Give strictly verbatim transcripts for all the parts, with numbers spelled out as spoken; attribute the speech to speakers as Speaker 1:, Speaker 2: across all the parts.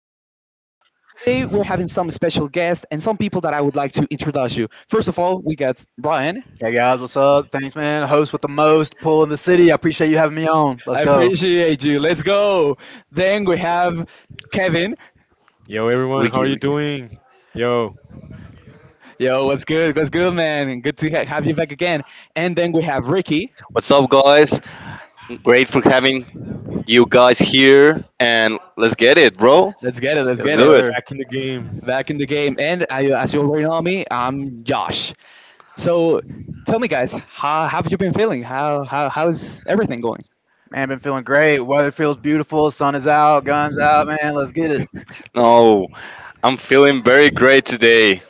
Speaker 1: every Thursday, today we're having some special guests and some people that I would like to introduce you. First of all, we got Brian.
Speaker 2: Hey guys, what's up? Thanks, man. Host with the most, pool in the city. I appreciate you having me on. Let's
Speaker 1: I
Speaker 2: go.
Speaker 1: appreciate you. Let's go. Then we have Kevin.
Speaker 3: Yo, everyone, how
Speaker 4: Ricky,
Speaker 3: are you
Speaker 4: Ricky.
Speaker 3: doing? Yo,
Speaker 1: Yo, what's good? What's good, man? Good to ha- have you back again. And then we have Ricky.
Speaker 4: What's up, guys? Great for having you guys here, and let's get it, bro.
Speaker 1: Let's get it. Let's
Speaker 4: Let's
Speaker 2: Yes,
Speaker 1: get
Speaker 4: do
Speaker 1: it.
Speaker 4: it.
Speaker 2: sir.
Speaker 3: back in the game.
Speaker 1: Back in the game. And I, as you already know me, I'm Josh. So tell me, guys, how, how have you been feeling? How, how, how's everything going?
Speaker 2: Man, been feeling great. Weather feels beautiful. Sun is out. Guns out, man. Let's get it.
Speaker 4: No, I'm feeling very great today.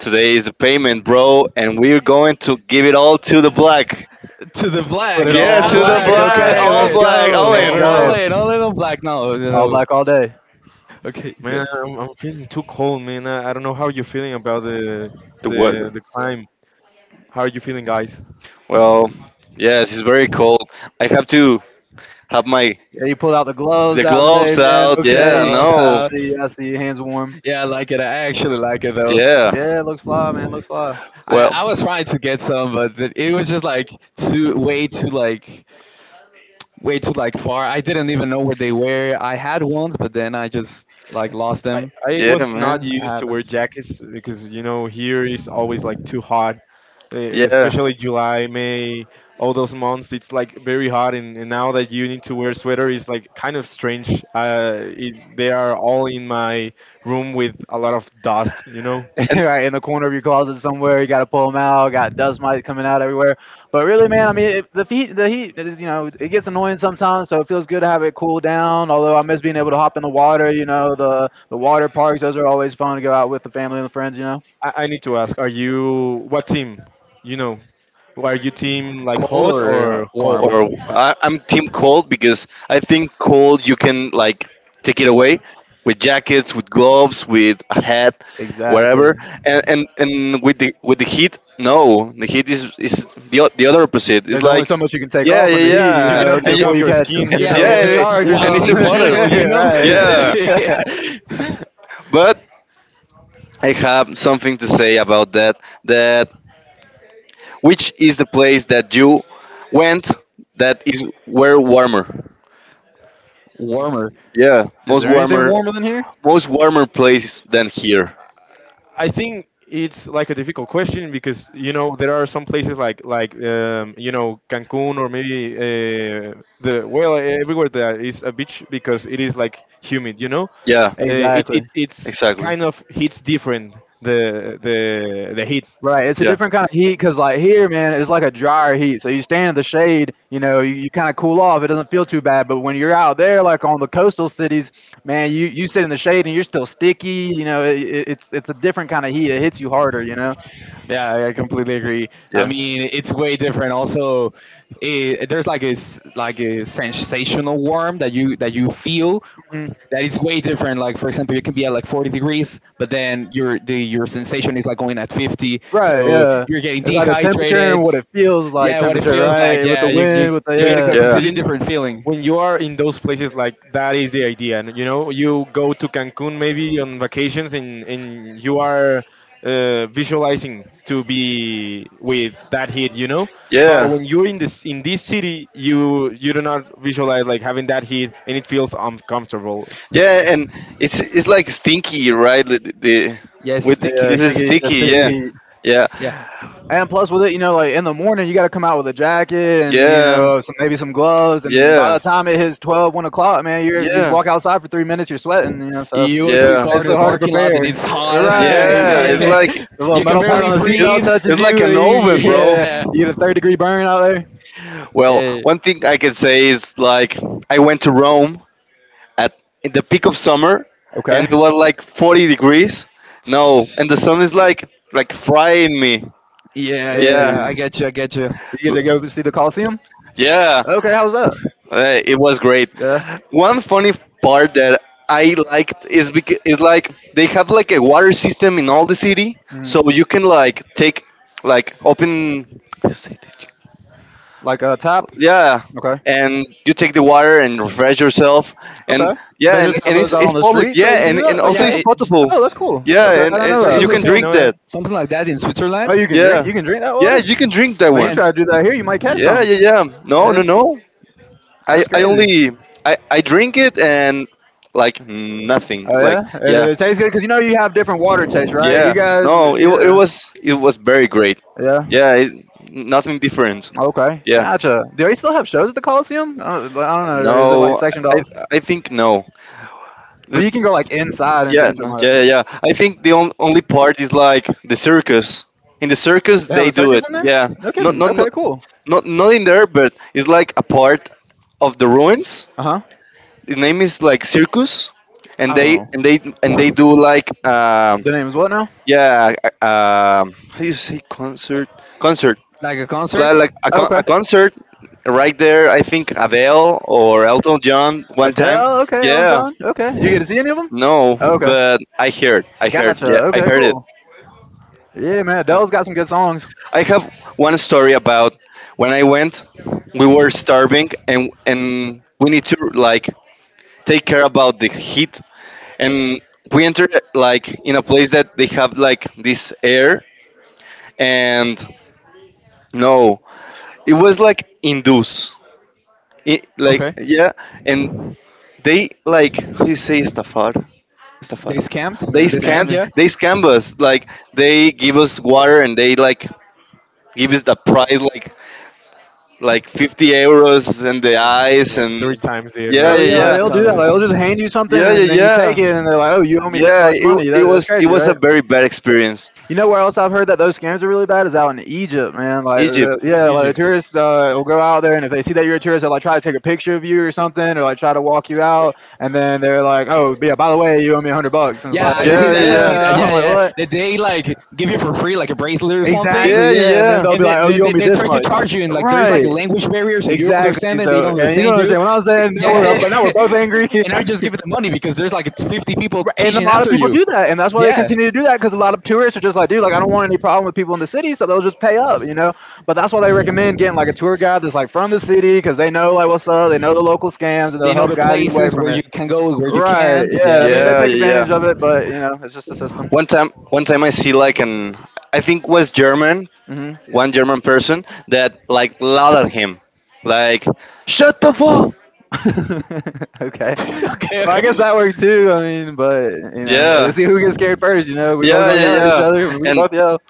Speaker 4: Today is the payment, bro, and we're going to give it all to the black.
Speaker 1: To the
Speaker 3: Uh,
Speaker 2: Put
Speaker 1: black.
Speaker 2: it all
Speaker 4: Yeah,
Speaker 1: I
Speaker 2: on
Speaker 4: to the
Speaker 1: like
Speaker 2: black.
Speaker 1: it.
Speaker 3: uh,
Speaker 1: I
Speaker 3: to the
Speaker 4: black,
Speaker 1: like
Speaker 2: Okay,
Speaker 4: all
Speaker 2: let's
Speaker 3: flag.
Speaker 1: it.
Speaker 4: black,
Speaker 2: go.
Speaker 4: all
Speaker 2: Let's
Speaker 1: all
Speaker 4: in.
Speaker 3: Never
Speaker 1: All,
Speaker 3: red.
Speaker 2: go.
Speaker 1: in, all in on black. No, no,
Speaker 2: All
Speaker 1: no.
Speaker 2: black all day.
Speaker 1: Okay,
Speaker 3: Man,
Speaker 1: the,
Speaker 3: I'm, I'm feeling too cold, man. I, I don't know how you're feeling about the
Speaker 4: The
Speaker 3: the
Speaker 4: weather.
Speaker 3: the climb. How are you feeling, guys?
Speaker 4: Well, yes, it's very cold. I have to have my
Speaker 2: Yeah, you pulled out the gloves
Speaker 4: the
Speaker 2: out today,
Speaker 4: gloves
Speaker 2: man.
Speaker 4: out.
Speaker 1: the
Speaker 4: Yeah,
Speaker 2: Okay.
Speaker 1: gloves
Speaker 2: I
Speaker 4: no.
Speaker 1: out.
Speaker 2: see. I see. Hands warm.
Speaker 1: Yeah, I like it. I actually like it though.
Speaker 4: Yeah.
Speaker 2: Yeah, looks fly, man. Looks fly.
Speaker 1: I,
Speaker 4: Well.
Speaker 1: I was trying to get some, but th- it was just like too way too like way too like far. I didn't even know where they were. I had ones, but then I just like lost
Speaker 3: I,
Speaker 1: them.
Speaker 3: I
Speaker 4: Yeah,
Speaker 1: It's
Speaker 3: was not
Speaker 4: man.
Speaker 2: It
Speaker 3: used to wear
Speaker 2: happens.
Speaker 3: jackets, because you know here it's always like too hot, e-
Speaker 4: Yeah.
Speaker 3: especially July, May, all those months it's like very hot. And, and now that you need to wear sweater is like kind of strange. Uh, it, they are all in my room with a lot of dust you know
Speaker 4: And
Speaker 2: Right in the corner of your closet somewhere. You got to pull them out. Got dust mites coming out everywhere. But really, man, I mean, it, the heat, the heat is, you know, it gets annoying sometimes. So it feels good to have it cool down. Although I miss being able to hop in the water. You know, the the water parks. Those are always fun to go out with the family and the friends. You know.
Speaker 3: I, I need to ask, are you, what team, you know are you team like
Speaker 1: cold
Speaker 3: hot
Speaker 1: or uh,
Speaker 3: or cold?
Speaker 4: or
Speaker 1: warm?
Speaker 4: I, I'm team cold because I think cold you can like take it away with jackets, with gloves, with a hat,
Speaker 2: Exactly.
Speaker 4: whatever. And and, and with the with the heat, no, the heat is is the o- the other opposite. It's
Speaker 2: There's only
Speaker 4: like
Speaker 2: so much you can
Speaker 3: Uh,
Speaker 2: take
Speaker 4: yeah,
Speaker 2: off
Speaker 3: uh,
Speaker 4: yeah,
Speaker 2: in the heat,
Speaker 3: you
Speaker 2: you
Speaker 3: you
Speaker 4: yeah,
Speaker 2: know,
Speaker 3: cannot
Speaker 4: and
Speaker 3: take
Speaker 4: you,
Speaker 3: off
Speaker 2: before you
Speaker 3: your
Speaker 2: catch
Speaker 3: skin you
Speaker 1: Yeah,
Speaker 3: know
Speaker 4: yeah,
Speaker 2: catch a
Speaker 4: and,
Speaker 1: w-
Speaker 4: it,
Speaker 2: charge or
Speaker 4: and
Speaker 1: while
Speaker 4: it's
Speaker 2: something.
Speaker 1: being
Speaker 4: hotter.
Speaker 1: legal, you know.
Speaker 2: Right.
Speaker 4: Yeah,
Speaker 1: Yeah.
Speaker 4: but I have something to say about that. That Which is the place that you went that is where warmer?
Speaker 1: Warmer.
Speaker 4: Yeah,
Speaker 2: Is
Speaker 4: most
Speaker 2: there anything
Speaker 4: warmer,
Speaker 2: warmer than here?
Speaker 4: most warmer place than here.
Speaker 3: I think it's like a difficult question, because you know there are some places like like um, you know Cancun, or maybe, uh, the well, everywhere that is a beach, because it is like humid. You know.
Speaker 4: Yeah,
Speaker 3: uh, it, it
Speaker 2: Exactly.
Speaker 3: it's
Speaker 4: exactly.
Speaker 3: kind of hits different the the the heat.
Speaker 2: Right, it's a
Speaker 4: Yeah,
Speaker 2: different kind of heat because, like, here, man, it's like a drier heat. So you stand in the shade, you know, you, you kind of cool off. It doesn't feel too bad. But when you're out there, like on the coastal cities, man, you, you sit in the shade and you're still sticky. You know, it, it- it's it's a different kind of heat. It hits you harder. You know.
Speaker 1: Yeah, I completely agree. I
Speaker 4: yeah,
Speaker 1: mean, it's way different. Also, it, there's like a s- like a sensational warm that you that you feel
Speaker 2: Mhm.
Speaker 1: that is way different. Like for example, you can be at like forty degrees, but then your the your sensation is like going at fifty,
Speaker 2: Right.
Speaker 1: so
Speaker 2: Yeah.
Speaker 1: you're getting
Speaker 2: It's like the temperature and
Speaker 1: dehydrated.
Speaker 2: what it feels like
Speaker 1: Yeah, what it
Speaker 2: temperature.
Speaker 1: feels like.
Speaker 2: Right. With
Speaker 1: Yeah,
Speaker 2: the
Speaker 1: you you
Speaker 2: wind. With
Speaker 1: you
Speaker 3: but,
Speaker 1: get a
Speaker 2: the
Speaker 4: yeah,
Speaker 3: but
Speaker 1: completely
Speaker 3: you,
Speaker 1: different feeling.
Speaker 3: when you are in those places, like, that is the idea, and you know you go to Cancun maybe on vacations, and, and you are, uh, visualizing to be with that heat, you know But
Speaker 4: yeah,
Speaker 3: when you're in this, in this city, you you do not visualize like having that heat, and it feels uncomfortable.
Speaker 4: yeah. And it's it's like stinky, right? The, the
Speaker 1: Yes, it's
Speaker 4: with
Speaker 2: yeah. Yeah.
Speaker 4: this is
Speaker 2: Sticky.
Speaker 1: sticky,
Speaker 2: The
Speaker 4: sticky.
Speaker 2: sticky
Speaker 4: Yeah,
Speaker 1: sticky.
Speaker 2: heat.
Speaker 4: yeah,
Speaker 1: Yeah.
Speaker 2: And plus, with it, you know, like in the morning, you got to come out with a jacket and you
Speaker 4: yeah,
Speaker 2: know, some maybe some gloves. And by
Speaker 4: yeah,
Speaker 2: the time it hits twelve, one o'clock, man, you you
Speaker 4: yeah,
Speaker 2: walk outside for three minutes, you're sweating. You know, so
Speaker 1: You go to your
Speaker 4: yeah.
Speaker 1: car
Speaker 2: it's
Speaker 1: to
Speaker 2: so
Speaker 1: the
Speaker 2: hard to
Speaker 1: parking
Speaker 2: prepare.
Speaker 1: lot and it's hot.
Speaker 2: Right, you
Speaker 4: Yeah, it's
Speaker 1: Yeah.
Speaker 2: burning.
Speaker 4: like
Speaker 2: The little
Speaker 1: You can
Speaker 2: metal part
Speaker 1: barely
Speaker 2: on the
Speaker 4: It's,
Speaker 2: seatbelt
Speaker 1: breathe.
Speaker 2: touches
Speaker 4: it's like
Speaker 2: you, and
Speaker 4: an
Speaker 2: you
Speaker 4: oven, bro.
Speaker 2: yeah,
Speaker 1: Yeah.
Speaker 2: you get a third degree burn out there.
Speaker 4: Well,
Speaker 1: Yeah.
Speaker 4: one thing I can say is like I went to Rome at in the peak of summer, and it
Speaker 2: Okay.
Speaker 4: was like forty degrees. No, and the sun is like like frying me.
Speaker 1: Yeah, yeah,
Speaker 4: Yeah,
Speaker 1: yeah, I
Speaker 2: Jeez.
Speaker 1: get you, I get you.
Speaker 2: You get to go see the Coliseum.
Speaker 4: yeah.
Speaker 2: Okay, how's that?
Speaker 4: Uh, it was great.
Speaker 2: Yeah.
Speaker 4: One funny part that I liked is because is like they have like a water system in all the city,
Speaker 2: Mm.
Speaker 4: so you can like take like open
Speaker 2: Like a top.
Speaker 4: yeah
Speaker 2: Okay.
Speaker 4: and you take the water and refresh yourself and
Speaker 2: Okay. They
Speaker 4: yeah and,
Speaker 2: just have
Speaker 4: and
Speaker 2: those
Speaker 4: it's,
Speaker 2: out on
Speaker 4: it's
Speaker 2: the
Speaker 4: public
Speaker 2: street, so you
Speaker 4: yeah
Speaker 2: can do
Speaker 4: and, and
Speaker 2: that.
Speaker 1: Oh yeah,
Speaker 4: also
Speaker 2: Okay.
Speaker 4: it's
Speaker 1: it,
Speaker 4: potable
Speaker 2: Oh, that's cool.
Speaker 3: Uh,
Speaker 2: Okay,
Speaker 4: yeah
Speaker 2: I
Speaker 4: and,
Speaker 2: didn't
Speaker 4: and
Speaker 2: know
Speaker 1: there's
Speaker 4: you
Speaker 1: also
Speaker 3: i
Speaker 4: can
Speaker 2: that.
Speaker 3: didn't
Speaker 1: some
Speaker 4: drink
Speaker 3: know that.
Speaker 4: that
Speaker 1: something like that in
Speaker 2: Oh,
Speaker 1: Switzerland.
Speaker 2: you can drink.
Speaker 4: yeah
Speaker 2: You can drink that
Speaker 4: yeah
Speaker 2: water.
Speaker 4: you can drink that
Speaker 2: Man,
Speaker 1: Yeah,
Speaker 2: you
Speaker 4: one
Speaker 1: and,
Speaker 2: try to do that here, you might catch
Speaker 4: yeah
Speaker 2: some.
Speaker 4: yeah yeah no no
Speaker 2: Yeah,
Speaker 4: no i
Speaker 2: that's
Speaker 4: i
Speaker 2: crazy.
Speaker 4: only i i drink it and like nothing
Speaker 2: Oh yeah,
Speaker 4: like
Speaker 2: it,
Speaker 4: yeah
Speaker 2: it tastes good because you know you have different water tastes, right? You
Speaker 4: yeah
Speaker 2: guys,
Speaker 4: no it,
Speaker 2: yeah,
Speaker 4: wa- it was it was very great
Speaker 2: yeah.
Speaker 4: yeah it, nothing different
Speaker 2: Okay,
Speaker 4: yeah
Speaker 2: gotcha. Do they still have shows at the Coliseum? I don't, I don't know, or is it like
Speaker 4: no
Speaker 2: sectioned
Speaker 4: i
Speaker 2: off?
Speaker 4: i think no.
Speaker 2: But you can go like inside and,
Speaker 4: Yeah,
Speaker 2: and
Speaker 4: no,
Speaker 2: something like
Speaker 4: yeah, yeah,
Speaker 2: that.
Speaker 4: yeah. I think the on- only part is like the circus. In the circus,
Speaker 2: They have
Speaker 4: they
Speaker 2: a
Speaker 4: do
Speaker 2: circus
Speaker 4: it.
Speaker 2: in there?
Speaker 4: Yeah,
Speaker 2: No
Speaker 4: not
Speaker 2: kidding.
Speaker 4: not
Speaker 2: Okay,
Speaker 4: not
Speaker 2: cool.
Speaker 4: not not in there, but it's like a part of the ruins.
Speaker 2: Uh huh.
Speaker 4: The name is like circus, and
Speaker 1: I
Speaker 4: they and
Speaker 1: don't
Speaker 4: they and they
Speaker 1: know,
Speaker 4: do like um
Speaker 2: The name is what now?
Speaker 4: yeah uh, um how do you say concert concert
Speaker 1: like a concert.
Speaker 4: like, like a, con-
Speaker 2: Okay.
Speaker 4: a concert right there. I think Adele or Elton John one time.
Speaker 2: Adele. Okay, Elton
Speaker 4: Yeah,
Speaker 2: John. Okay, you get to see any of them?
Speaker 4: no,
Speaker 2: Okay,
Speaker 4: but I heard I heard
Speaker 2: gotcha.
Speaker 4: yeah I
Speaker 2: Okay,
Speaker 4: heard.
Speaker 2: cool. Yeah, man,
Speaker 3: Uh,
Speaker 2: Adele's got some good songs.
Speaker 4: I have one story about when I went, we were starving and and we need to like take care about the heat and we entered like in a place that they have like this air and no, it was like induce. It, like
Speaker 1: Okay,
Speaker 4: yeah, and they like how you say estafar? Estafar.
Speaker 1: they scammed,
Speaker 4: They
Speaker 2: They
Speaker 1: they
Speaker 2: scare
Speaker 1: scammed,
Speaker 4: scan
Speaker 2: me.
Speaker 1: yeah.
Speaker 4: they scam us, like they give us water and they like give us the price like like fifty euros and the
Speaker 3: Mm,
Speaker 4: ice
Speaker 3: Like
Speaker 4: and
Speaker 3: three times the
Speaker 4: yeah
Speaker 2: Oh
Speaker 3: average
Speaker 4: yeah
Speaker 2: yeah, like,
Speaker 1: Three
Speaker 4: yeah
Speaker 2: they'll do
Speaker 1: times.
Speaker 2: that. Like,
Speaker 3: price.
Speaker 2: they'll
Speaker 1: Before.
Speaker 2: just hand you something,
Speaker 4: yeah yeah
Speaker 2: and then you take
Speaker 4: yeah
Speaker 2: it, and they're like, "Oh, you owe me this
Speaker 4: yeah
Speaker 2: much
Speaker 4: it,
Speaker 2: money."
Speaker 4: it
Speaker 2: That, that's
Speaker 4: was it
Speaker 2: crazy,
Speaker 4: was a
Speaker 2: right?
Speaker 4: very bad experience.
Speaker 2: You know where else I've heard that those scams are really bad is out in Egypt, man. Like,
Speaker 4: Egypt.
Speaker 2: uh, yeah, like tourists uh, will go out there, and if they see that you're a tourist, they'll like try to take a picture of you or something, or like try to walk you out, and then they're like, "Oh, yeah, by the way, you owe me a hundred bucks," and it's
Speaker 1: Yeah,
Speaker 2: like,
Speaker 1: I've seen
Speaker 4: Yeah
Speaker 1: that.
Speaker 4: yeah
Speaker 1: I've
Speaker 4: yeah
Speaker 1: seen that.
Speaker 2: "Yeah," I'm
Speaker 1: Yeah,
Speaker 2: like,
Speaker 1: yeah.
Speaker 2: "What?"
Speaker 1: That they
Speaker 3: Yeah.
Speaker 1: like give you for free like a bracelet or something,
Speaker 4: yeah
Speaker 2: Exactly, yeah, and then
Speaker 4: yeah
Speaker 2: they'll be
Speaker 1: and they,
Speaker 2: like,
Speaker 4: yeah
Speaker 2: "Oh,
Speaker 1: they,
Speaker 2: you owe
Speaker 1: they,
Speaker 2: me
Speaker 1: they
Speaker 2: this
Speaker 1: try to
Speaker 2: much."
Speaker 1: charge you, and like there's
Speaker 2: Right.
Speaker 1: like
Speaker 3: like
Speaker 1: a language barrier, so you don't
Speaker 2: Exactly.
Speaker 1: understand them, they
Speaker 2: So,
Speaker 1: don't
Speaker 2: and you know
Speaker 1: understand
Speaker 2: what I'm
Speaker 1: you,
Speaker 2: saying. When I was saying now we're
Speaker 1: yeah.
Speaker 2: but now we're both angry,
Speaker 1: And I just give them money because there's like fifty people
Speaker 2: and a
Speaker 1: chasing
Speaker 2: lot of
Speaker 1: after
Speaker 2: people
Speaker 1: you,
Speaker 2: do that, and that's why they
Speaker 1: yeah.
Speaker 2: continue to do that because a lot of tourists are just like, dude, like I don't want any problem with people in the city, so they'll just pay up, you know. But that's why they recommend getting like a tour guide that's like from the city because they know like what's up, they know the local scams, and they'll
Speaker 1: They know
Speaker 2: help
Speaker 1: the
Speaker 2: guide you away
Speaker 1: places
Speaker 2: from
Speaker 1: where
Speaker 2: it.
Speaker 1: you can go, where you
Speaker 2: Right.
Speaker 1: can't,
Speaker 2: Yeah. I
Speaker 1: yeah,
Speaker 2: mean, they
Speaker 1: yeah.
Speaker 4: yeah
Speaker 2: take
Speaker 4: yeah yeah.
Speaker 2: advantage of it, but you know, it's just the system.
Speaker 4: one time one time i see like an i think was german.
Speaker 2: Mm-hmm.
Speaker 4: One german person that like loud at him like shut the fuck.
Speaker 2: Okay.
Speaker 1: Okay,
Speaker 2: Well, I
Speaker 1: okay,
Speaker 2: guess that works too. I mean, but you know,
Speaker 4: Yeah
Speaker 2: let's see who gets scared first. You know, we both
Speaker 4: yeah
Speaker 2: gonna
Speaker 4: yeah
Speaker 2: yell at each
Speaker 4: yeah.
Speaker 2: other. We can
Speaker 4: And
Speaker 2: both yell.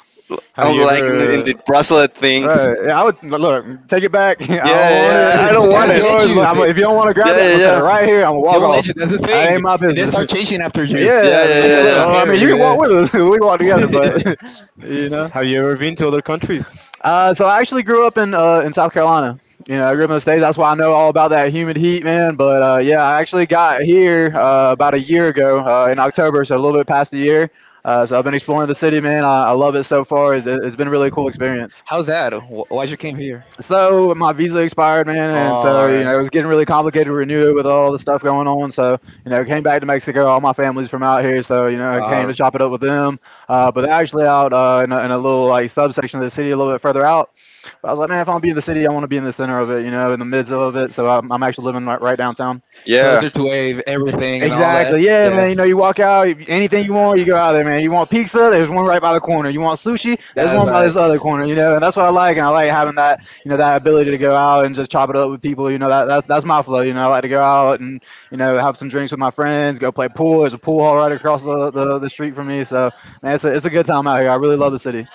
Speaker 3: Have
Speaker 4: i'm
Speaker 3: you
Speaker 4: like in, in the
Speaker 3: ever?
Speaker 4: bracelet thing.
Speaker 2: Right. Yeah, I would look. Take it back. I
Speaker 4: Yeah
Speaker 2: don't
Speaker 4: yeah
Speaker 2: want
Speaker 1: yeah, but,
Speaker 4: yeah i
Speaker 2: it.
Speaker 1: but
Speaker 4: don't
Speaker 1: they
Speaker 4: want
Speaker 2: That's
Speaker 1: won't
Speaker 4: it.
Speaker 1: let
Speaker 2: yours.
Speaker 1: you,
Speaker 2: Look, I'm,
Speaker 1: they,
Speaker 2: if you don't want to grab
Speaker 4: Yeah
Speaker 2: it, I'm gonna set it
Speaker 4: yeah yeah.
Speaker 2: right here. I'm gonna
Speaker 1: they
Speaker 2: walk
Speaker 1: won't let
Speaker 2: off.
Speaker 1: you, that's the
Speaker 2: That
Speaker 1: thing.
Speaker 2: ain't my
Speaker 1: And they
Speaker 2: business.
Speaker 1: start chasing after you.
Speaker 2: Yeah.
Speaker 4: Yeah,
Speaker 2: I
Speaker 4: yeah,
Speaker 1: I saw
Speaker 4: yeah,
Speaker 2: mean,
Speaker 1: that in
Speaker 4: yeah.
Speaker 2: oh, I mean, you
Speaker 1: Paris,
Speaker 2: can walk with us. We walk together,
Speaker 1: yeah.
Speaker 2: but you know.
Speaker 3: Have you ever been to other countries?
Speaker 2: Uh, so I actually grew up in uh, in South Carolina. You know, I grew up in the states. That's why I know all about that humid heat, man. But uh, yeah, I actually got here uh, about a year ago uh, in October, so a little bit past a year. Uh, so I've been exploring the city, man. I, I love it so far. It's, it's been a really cool experience.
Speaker 1: How's that? Wh- why'd you came here?
Speaker 2: So my visa expired, man, and so
Speaker 1: All
Speaker 2: you
Speaker 1: right
Speaker 2: know it was getting really complicated to renew it with all the stuff going on. So you know, came back to Mexico. All my family's from out here, so you know, I came
Speaker 1: uh,
Speaker 2: to chop it up with them. Uh, but they're actually out uh, in, a, in a little like subsection of the city, a little bit further out. But I was like, man, if I want to be in the city, I want to be in the center of it, you know, in the midst of it. So I'm, I'm actually living right, right downtown.
Speaker 4: Yeah.
Speaker 1: closer to wave everything and all that.
Speaker 2: Exactly. Yeah,
Speaker 1: Yeah,
Speaker 2: man. You know, you walk out, you- anything you want, you go out there, man. You want pizza? There's one right by the corner. You want sushi? There's
Speaker 1: that's
Speaker 2: one by
Speaker 1: right.
Speaker 2: this other corner. You know, and that's what I like. And I like having that, you know, that ability to go out and just chop it up with people. You know, that that's that's my flow. You know, I like to go out and you know have some drinks with my friends, go play pool. There's a pool all right across the the, the street from me. So man, it's a, it's a good time out here. I really love the city.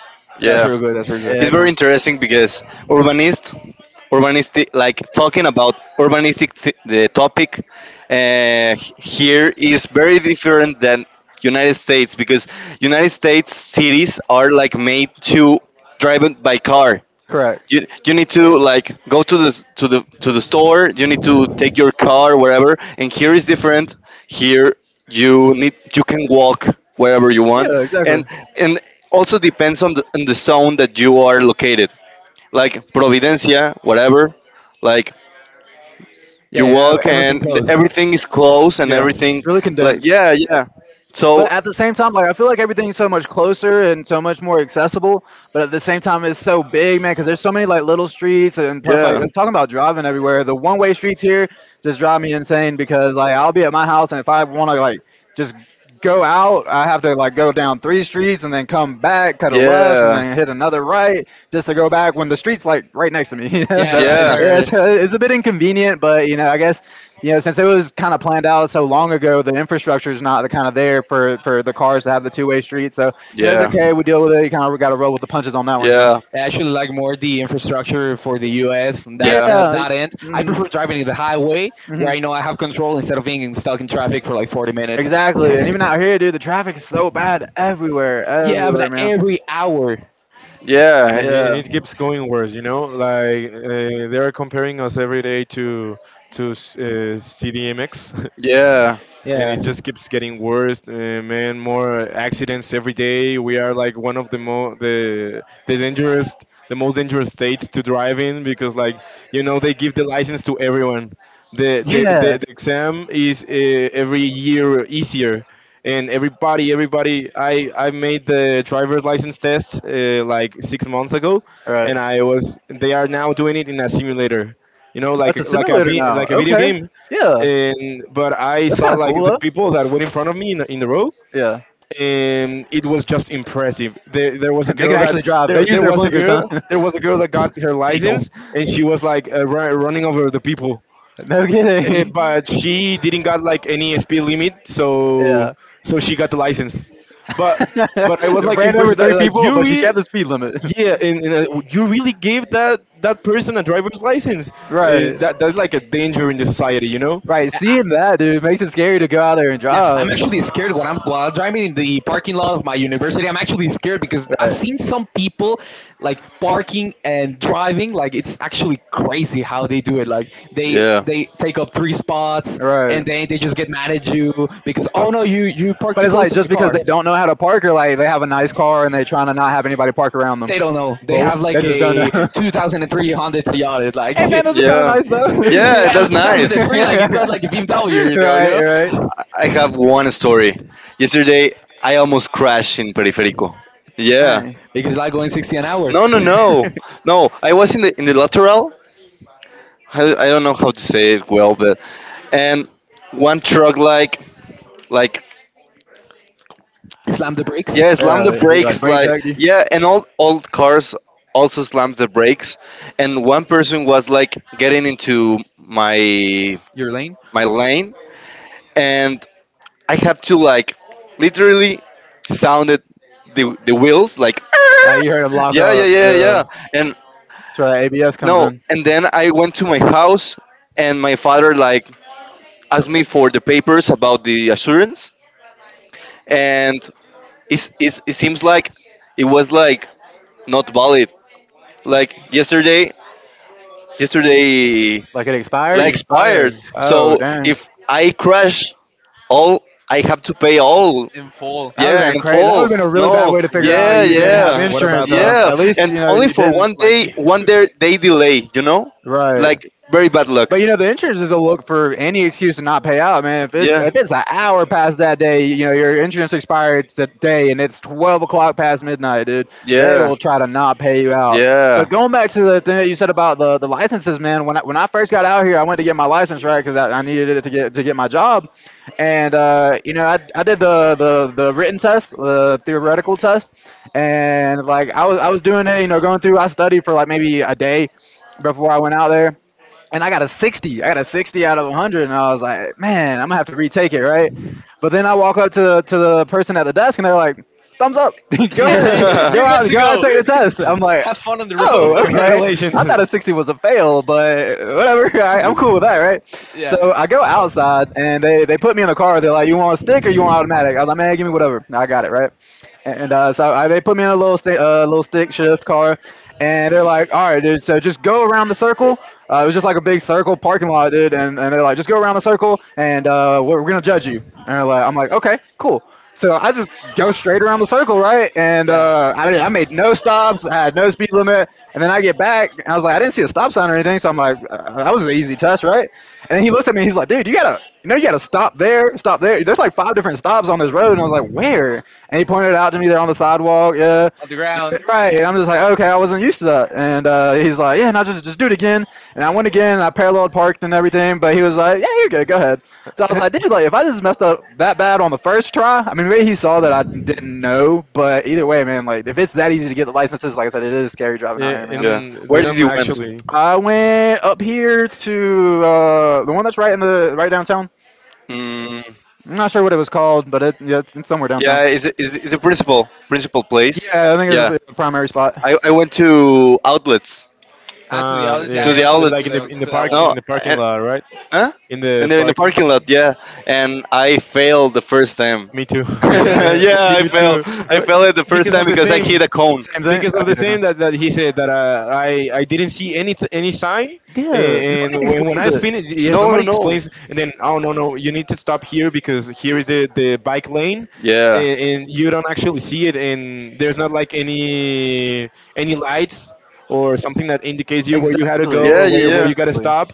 Speaker 1: That's
Speaker 4: Yeah.
Speaker 1: real good. That's real
Speaker 2: Yeah,
Speaker 4: It's very
Speaker 2: man.
Speaker 1: good.
Speaker 4: interesting because urbanist, urbanistic, like talking about urbanistic th- the topic uh, h- here is very different than United States because United States cities are like made to driven by car.
Speaker 2: Correct.
Speaker 4: You you need to like go to the to the to the store, you need to take your car wherever, and here is different. Here you need you can walk wherever you want.
Speaker 2: Yeah, exactly.
Speaker 4: and and also depends on the, on the zone that you are located, like providencia whatever, like you
Speaker 1: Yeah, you have
Speaker 4: walk
Speaker 1: everything
Speaker 4: and the,
Speaker 1: close.
Speaker 4: everything is closed and
Speaker 2: Yeah,
Speaker 4: everything.
Speaker 2: it's really
Speaker 4: Like
Speaker 2: condensed.
Speaker 4: yeah yeah
Speaker 2: So
Speaker 4: so
Speaker 2: But at the same time, like I feel like everything's so much closer and so much more accessible. But at the same time, it's so big, man, because there's so many like little streets, and plus, like
Speaker 4: yeah
Speaker 2: I'm talking about driving everywhere. The one way streets here just drive me insane because like I'll be at my house, and if I want to like just go out, I have to like go down three streets and then come back, cut a left, and
Speaker 4: yeah
Speaker 2: then hit another right just to go back when the street's like right next to me. You know, right, so
Speaker 1: Yeah,
Speaker 2: right,
Speaker 1: right,
Speaker 2: right,
Speaker 4: yeah
Speaker 2: yeah, right.
Speaker 1: right,
Speaker 2: it's, it's a bit inconvenient, but you know, I guess you know, since it was kind of planned out so long ago, the infrastructure is not the kind of there for for the cars to have the two way street. So you know, it's
Speaker 4: yeah
Speaker 2: okay. We deal
Speaker 1: right.
Speaker 2: with it. You kind of got to roll with the punches on that one. You know.
Speaker 4: yeah
Speaker 1: I actually like more the infrastructure for the U S, and that
Speaker 4: yeah
Speaker 1: uh,
Speaker 2: Yeah.
Speaker 1: that end. I
Speaker 2: hmm
Speaker 1: prefer driving in the highway
Speaker 2: hmm
Speaker 1: where I know I have control instead of being stuck in traffic for like forty minutes.
Speaker 2: Exactly. And even out here, dude, the traffic is so bad everywhere,
Speaker 1: Yeah,
Speaker 2: everywhere,
Speaker 1: but
Speaker 2: man.
Speaker 1: every hour.
Speaker 3: And it, and
Speaker 2: Yeah.
Speaker 3: it keeps going worse, you know. Like, uh, they are comparing us every day to to uh, C D M X. And
Speaker 4: yeah.
Speaker 1: Yeah.
Speaker 3: it just keeps getting worse. Uh, man, more accidents every day. We are like one of the mo the the dangerous, the most dangerous states to drive in, because, like, you know they give the license to everyone. The the the,
Speaker 2: Yeah.
Speaker 3: the exam is, uh, every year easier. And everybody, everybody, I, I made the driver's license test, uh, like six months ago,
Speaker 2: Right.
Speaker 3: and I was. They are now doing it in a simulator, you know,
Speaker 2: That's
Speaker 3: like
Speaker 2: a
Speaker 3: like a
Speaker 2: simulator
Speaker 3: vi-
Speaker 2: now.
Speaker 3: like a video
Speaker 2: Okay.
Speaker 3: game.
Speaker 2: Yeah.
Speaker 3: And but I
Speaker 2: That's
Speaker 3: saw
Speaker 2: kind of
Speaker 3: like
Speaker 2: cool,
Speaker 3: the
Speaker 2: though.
Speaker 3: people that were in front of me in, in the row,
Speaker 2: Yeah.
Speaker 3: and it was just impressive. There, there was a
Speaker 2: They can
Speaker 3: girl that
Speaker 2: actually drive. They
Speaker 3: there,
Speaker 2: use
Speaker 3: there
Speaker 2: their
Speaker 3: was a
Speaker 2: blinkers,
Speaker 3: girl
Speaker 2: huh?
Speaker 3: there was a girl that got her license, and she was like uh, ru- running over the people.
Speaker 2: No
Speaker 3: Eh,
Speaker 2: kidding.
Speaker 3: but she didn't got like any speed limit,
Speaker 2: Yeah.
Speaker 3: so so she got the license. But but I was like
Speaker 2: Ran over
Speaker 3: impressed that
Speaker 2: three
Speaker 3: like
Speaker 2: people,
Speaker 3: you
Speaker 2: but she
Speaker 3: really.
Speaker 2: kept the speed limit.
Speaker 3: Yeah, and, and uh, you really gave that that person a driver's license.
Speaker 2: Right.
Speaker 3: Eh, that that's like a danger in the society, you know.
Speaker 2: Right. Seeing that, dude, makes it scary to go out there and
Speaker 1: Yeah, I'm
Speaker 2: drive.
Speaker 1: actually scared when I'm while I'm driving in the parking lot of my university. I'm actually scared because I've
Speaker 2: Right.
Speaker 1: seen some people like parking and driving. Like it's actually crazy how they do it. Like they
Speaker 4: Yeah.
Speaker 1: they take up three spots, and
Speaker 2: Right.
Speaker 1: then they just get mad at you because, oh no, you you parked
Speaker 2: But
Speaker 1: too
Speaker 2: it's
Speaker 1: close
Speaker 2: like
Speaker 1: to my
Speaker 2: just because
Speaker 1: car.
Speaker 2: they don't know how to park, or like they have a nice car and they're trying to not have anybody park around them.
Speaker 1: They don't know. They
Speaker 3: Both.
Speaker 1: have
Speaker 2: They
Speaker 1: like
Speaker 2: just don't know.
Speaker 1: a two thousand three Honda Toyota. Like
Speaker 2: Hey man, those are kind of
Speaker 4: Yeah.
Speaker 2: nice though.
Speaker 1: they
Speaker 4: Yeah,
Speaker 1: have a
Speaker 4: that's nice.
Speaker 1: two thousand three. Like it's not
Speaker 4: B
Speaker 1: like a B M W. You
Speaker 4: M W,
Speaker 1: know, you
Speaker 2: Right, right.
Speaker 1: know?
Speaker 4: I have one story. Yesterday, I almost crashed in Periférico. Yeah.
Speaker 2: Dang.
Speaker 1: Because I go in sixty an hour.
Speaker 4: No, no, no, no. I was in the in the lateral. I, I don't know how to say it well, but and one truck like like
Speaker 1: Slam the brakes,
Speaker 4: Yeah, slam the
Speaker 2: Yeah, he like
Speaker 4: brakes.
Speaker 2: brake
Speaker 4: Like
Speaker 2: checked you.
Speaker 4: yeah, and all old cars also slammed the brakes. And one person was like getting into my
Speaker 1: your lane,
Speaker 4: my lane, and I had to like literally sounded the the wheels like
Speaker 2: Uh,
Speaker 4: "Arr!"
Speaker 2: you heard him lock
Speaker 4: Yeah yeah
Speaker 2: up.
Speaker 4: yeah yeah.
Speaker 2: Uh,
Speaker 4: And
Speaker 2: that's where that A B S comes
Speaker 4: no,
Speaker 2: in.
Speaker 4: and then I went to my house, and my father like asked me for the papers about the assurance, and it's, it's, it seems like it was like not valid. Like yesterday, yesterday
Speaker 2: Like it
Speaker 4: that
Speaker 3: It
Speaker 2: expired.
Speaker 4: expired.
Speaker 3: expired.
Speaker 2: Oh
Speaker 4: So
Speaker 2: dang.
Speaker 4: if I crash all, I have to pay all.
Speaker 1: and fall
Speaker 2: That would have
Speaker 4: Yeah,
Speaker 2: been
Speaker 4: and
Speaker 2: crazy. That would
Speaker 4: full.
Speaker 2: have been a really bad
Speaker 4: No,
Speaker 2: way to figure out
Speaker 4: yeah,
Speaker 2: you didn't
Speaker 3: Uh,
Speaker 2: have
Speaker 4: yeah,
Speaker 3: what
Speaker 2: insurance.
Speaker 3: about
Speaker 2: So
Speaker 3: luck?
Speaker 4: yeah,
Speaker 2: at least
Speaker 4: and
Speaker 2: you know
Speaker 4: only
Speaker 2: you
Speaker 4: for
Speaker 2: didn't.
Speaker 4: one
Speaker 1: like
Speaker 4: day,
Speaker 1: you.
Speaker 4: one day, day delay. You know,
Speaker 2: Right.
Speaker 4: like very bad luck.
Speaker 2: But you know the insurance is a look for any excuse to not pay out, man. If yeah, it's
Speaker 4: Yeah,
Speaker 2: if it's an hour past that day, you know your insurance expired today, and it's twelve o'clock past midnight, dude. Yeah. They
Speaker 4: yeah,
Speaker 2: will try to not pay you out.
Speaker 4: yeah.
Speaker 2: But going back to the thing that you said about the, the licenses, man, when I, when I first got out here, I went to get my license, right? Because I, I needed it to get to get my job, and uh, you know, I, I did the, the the written test, the theoretical test, and like I was I was doing it, you know, going through. I studied for like maybe a day before I went out there, and I got a sixty. I got a sixty out of a hundred, and I was like, man, I'm gonna have to retake it, right? But then I walk up to the to the person at the desk, and they're like, thumbs up. Go ahead. Go
Speaker 1: You're good
Speaker 2: out
Speaker 1: to
Speaker 2: go out and
Speaker 1: go.
Speaker 2: take the test. I'm like,
Speaker 1: Have fun on the
Speaker 2: oh, okay.
Speaker 1: road.
Speaker 3: Congratulations.
Speaker 2: I thought a sixty was a fail, but whatever. I, I'm cool with that, right? So
Speaker 1: Yeah.
Speaker 2: I go outside and they, they put me in the car. They're like, you want a stick or you want automatic? I was like, man, give me whatever. I got it, right? And uh, so I, they put me in a little, sta- uh, little stick shift car and they're like, all right, dude, so just go around the circle. Uh, it was just like a big circle parking lot, dude. And, and they're like, just go around the circle and uh, we're, we're going to judge you. And they're like, I'm like, okay, cool. So I just go straight around the circle, right? And uh, I mean, I made no stops. I had no speed limit. And then I get back, and I was like, I didn't see a stop sign or anything, so I'm like, uh, that was an easy touch, right? And then he looks at me, and he's like, dude, you gotta, you know, you gotta stop there, stop there. There's like five different stops on this road, and I was like, where? And he pointed it out to me there on the sidewalk, yeah,
Speaker 1: On the ground.
Speaker 2: right. And I'm just like, okay, I wasn't used to that. And uh, he's like, yeah, now just just do it again. And I went again, and I parallel parked and everything, but he was like, yeah, you're good, go ahead.
Speaker 3: So
Speaker 2: So I was
Speaker 3: I.
Speaker 2: like, dude, like if I just messed up that bad on the first try, I mean, maybe he saw that I didn't know, but either way, man, like if it's that easy to get the licenses, like I said, it is scary driving out
Speaker 3: Yeah,
Speaker 2: here, man.
Speaker 4: yeah.
Speaker 3: and
Speaker 4: Where
Speaker 3: they
Speaker 4: did
Speaker 3: don't
Speaker 4: you went?
Speaker 3: actually.
Speaker 2: I went up here to uh, the one that's right in the right downtown.
Speaker 4: Mm,
Speaker 2: I'm not sure what it was called, but it yeah, it's, it's somewhere downtown.
Speaker 4: yeah, is is is the principal principal place?
Speaker 2: Yeah, I think it was
Speaker 4: Yeah,
Speaker 2: a the primary spot.
Speaker 4: I I went to outlets.
Speaker 1: Ah, to the
Speaker 3: Ah,
Speaker 1: others, yeah,
Speaker 4: To
Speaker 1: I,
Speaker 3: yeah,
Speaker 4: the
Speaker 3: like
Speaker 1: to
Speaker 3: in
Speaker 4: outlets.
Speaker 3: the
Speaker 1: the
Speaker 3: in the
Speaker 1: to I.
Speaker 3: park
Speaker 4: No,
Speaker 3: in the parking
Speaker 4: and,
Speaker 3: lot, right?
Speaker 4: huh?
Speaker 3: In the.
Speaker 4: And they're in the parking lot, yeah. And I failed the first time.
Speaker 3: Me too.
Speaker 2: Yeah. What do you-
Speaker 4: yeah, I
Speaker 3: Me
Speaker 4: failed.
Speaker 2: feel?
Speaker 3: too.
Speaker 4: I
Speaker 3: Uh,
Speaker 4: failed it the first
Speaker 3: Because
Speaker 4: time
Speaker 3: of the
Speaker 4: because I hit
Speaker 3: same.
Speaker 4: a cone.
Speaker 2: Same thing. Uh,
Speaker 3: Because of
Speaker 2: yeah,
Speaker 3: the
Speaker 2: okay.
Speaker 3: same that, that he said that, uh, I I didn't see any any sign, a-
Speaker 2: Yeah.
Speaker 3: and
Speaker 2: Nobody
Speaker 3: when, when
Speaker 2: explains
Speaker 3: I finished, yes,
Speaker 4: No, no,
Speaker 3: nobody
Speaker 4: no.
Speaker 3: explains. And then, oh, no, no, you need to stop here, because here is
Speaker 2: it.
Speaker 3: the the bike lane,
Speaker 4: Yeah.
Speaker 3: and, and you don't actually see it, and there's not like any any lights or something that indicates you where you had to
Speaker 2: Exactly.
Speaker 3: go or
Speaker 4: Yeah,
Speaker 3: where where you
Speaker 4: yeah,
Speaker 3: gotta
Speaker 2: Exactly.
Speaker 3: stop.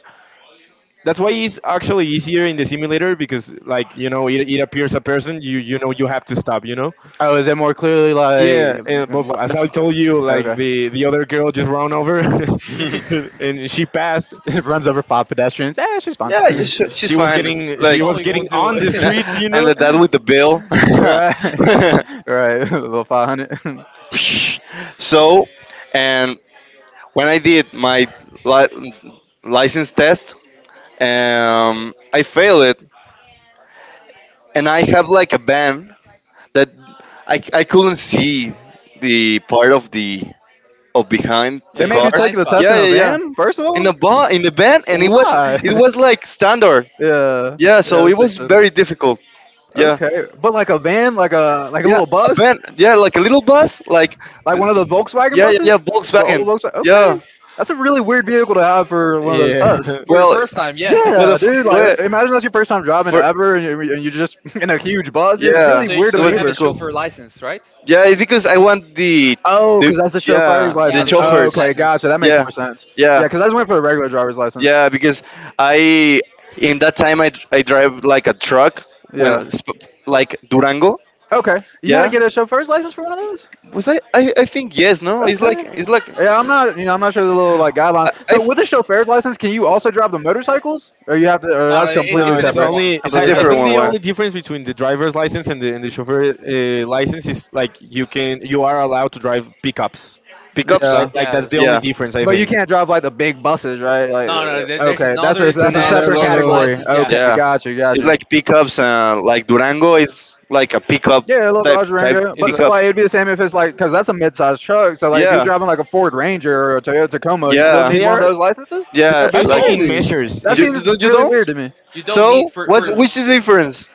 Speaker 3: That's why it's actually easier in the simulator, because, like, you know, it, it appears a person. You you know you have to stop. You know.
Speaker 2: Oh, is it more clearly like
Speaker 3: Yeah, and, but
Speaker 2: lined
Speaker 3: as I
Speaker 2: up?
Speaker 3: told you, like
Speaker 2: Okay.
Speaker 3: the the other girl just ran over,
Speaker 4: yeah.
Speaker 1: Yeah.
Speaker 3: and she passed.
Speaker 2: It runs over five pedestrians. Eh, she's fine.
Speaker 4: yeah, you
Speaker 3: Uh,
Speaker 4: sh- she's
Speaker 3: She was
Speaker 4: fine.
Speaker 3: getting
Speaker 1: She
Speaker 3: she
Speaker 4: Like,
Speaker 3: was
Speaker 1: probably
Speaker 3: getting
Speaker 1: won't do
Speaker 3: on the
Speaker 1: it.
Speaker 3: streets. You
Speaker 4: and
Speaker 3: know.
Speaker 4: that with the bill.
Speaker 2: Right. Right. A little five hundred.
Speaker 4: So, and when I did my li- license test, um, I failed it, and I have like a band that I, I couldn't see the part of the of behind
Speaker 2: They
Speaker 4: the
Speaker 2: made you
Speaker 4: car.
Speaker 1: Yeah,
Speaker 2: take the test in
Speaker 4: Yeah,
Speaker 2: a
Speaker 4: yeah, yeah.
Speaker 2: van, first of
Speaker 4: In
Speaker 2: all?
Speaker 4: the bar, in the band, and it was
Speaker 2: Why?
Speaker 4: it was like standard.
Speaker 2: Yeah.
Speaker 4: Yeah,
Speaker 2: Yeah,
Speaker 4: so it
Speaker 2: that's the
Speaker 4: was
Speaker 2: issue.
Speaker 4: very difficult. Yeah,
Speaker 2: Okay, but like a van, like a like a
Speaker 4: yeah,
Speaker 2: little
Speaker 4: a
Speaker 2: bus,
Speaker 4: van. Yeah, like a little bus. Like
Speaker 2: like one of the Volkswagen
Speaker 4: yeah, yeah, yeah,
Speaker 2: buses, the old
Speaker 4: Volkswagen.
Speaker 2: Volkswagen. Okay,
Speaker 4: Yeah.
Speaker 2: that's a really weird vehicle to have for one of those
Speaker 3: Yeah.
Speaker 2: tests.
Speaker 1: for
Speaker 4: Well,
Speaker 1: first time. Yeah.
Speaker 4: well, the
Speaker 2: Yeah,
Speaker 4: f-
Speaker 2: dude. Like,
Speaker 4: well,
Speaker 2: imagine that's your first time driving
Speaker 4: for
Speaker 2: ever, and you're, and you're just in a huge bus, dude. It's
Speaker 4: yeah,
Speaker 2: really
Speaker 1: so
Speaker 2: weird to
Speaker 4: it
Speaker 1: so you
Speaker 4: was
Speaker 1: have a
Speaker 2: maneuver.
Speaker 4: difficult.
Speaker 1: chauffeur license, right?
Speaker 4: Yeah, it's because I want the
Speaker 2: Oh,
Speaker 4: the
Speaker 2: because that's a chauffeur's
Speaker 4: yeah the
Speaker 1: Yeah, the
Speaker 2: license.
Speaker 1: chauffeur's
Speaker 4: chauffeurs.
Speaker 2: Okay,
Speaker 1: license.
Speaker 2: gotcha. That makes
Speaker 4: Yeah,
Speaker 2: more sense.
Speaker 4: yeah,
Speaker 2: Yeah, because I just went for a regular driver's license.
Speaker 4: yeah.
Speaker 1: No,
Speaker 4: Because I in that time I, I drive like a truck
Speaker 2: Yeah.
Speaker 4: when sp- like Durango.
Speaker 2: Okay, you had to
Speaker 4: Yeah,
Speaker 2: get a chauffeur's license for one of those.
Speaker 4: was I, I I think yes. No, it's like
Speaker 2: Okay.
Speaker 4: it's like
Speaker 2: Yeah, I'm not. You know, I'm not sure the little like
Speaker 4: I,
Speaker 2: guidelines.
Speaker 4: I
Speaker 2: So, with a chauffeur's license, can you also drive the motorcycles, or you have to? Or
Speaker 1: no,
Speaker 2: that's
Speaker 1: it,
Speaker 3: No,
Speaker 2: completely
Speaker 1: it's a
Speaker 3: it's
Speaker 1: different
Speaker 2: separate.
Speaker 1: one.
Speaker 3: only.
Speaker 4: it's a
Speaker 2: Completely
Speaker 3: I, I
Speaker 4: different
Speaker 2: separate.
Speaker 3: think
Speaker 4: one.
Speaker 3: the
Speaker 2: Okay.
Speaker 4: One
Speaker 3: only difference between the driver's license and the and the chauffeur, uh, license, is like you can you are allowed to drive pickups.
Speaker 4: pickups.
Speaker 3: Like
Speaker 2: Yeah,
Speaker 3: like
Speaker 1: Yeah,
Speaker 3: that's the only
Speaker 4: Yeah,
Speaker 3: difference I
Speaker 2: but you
Speaker 3: think.
Speaker 2: can't drive like the big buses, right? Like,
Speaker 1: no, no, there,
Speaker 2: uh,
Speaker 1: there's
Speaker 2: okay, that's a
Speaker 1: another
Speaker 3: It's
Speaker 2: that's a
Speaker 1: test,
Speaker 3: another
Speaker 2: separate
Speaker 1: another
Speaker 3: level.
Speaker 2: category.
Speaker 1: license. Yeah,
Speaker 2: Okay,
Speaker 4: yeah.
Speaker 2: got you, got
Speaker 4: It's
Speaker 2: you.
Speaker 4: like pickups. Uh, like Durango is like a pickup
Speaker 2: Yeah, a little
Speaker 4: type
Speaker 2: Dodge
Speaker 4: type
Speaker 2: Durango,
Speaker 3: It's
Speaker 2: but so
Speaker 3: like-
Speaker 4: pickup.
Speaker 2: like it'd be the same if it's like because that's a mid-sized truck. So like if you're
Speaker 4: Yeah,
Speaker 2: driving like a Ford Ranger or a Toyota Tacoma, you still
Speaker 4: yeah,
Speaker 2: need
Speaker 3: they
Speaker 2: one of
Speaker 3: are
Speaker 2: those licenses.
Speaker 3: they are
Speaker 4: yeah.
Speaker 1: you
Speaker 2: That's
Speaker 3: based in,
Speaker 4: Like.
Speaker 3: in
Speaker 1: don't,
Speaker 2: crazy.
Speaker 3: measures.
Speaker 2: That
Speaker 4: You,
Speaker 3: In
Speaker 4: you
Speaker 2: seems
Speaker 4: don't? You
Speaker 2: really weird
Speaker 4: don't?
Speaker 2: to me.
Speaker 1: you don't need
Speaker 4: So,
Speaker 1: for
Speaker 4: what's
Speaker 1: for
Speaker 4: which is the difference?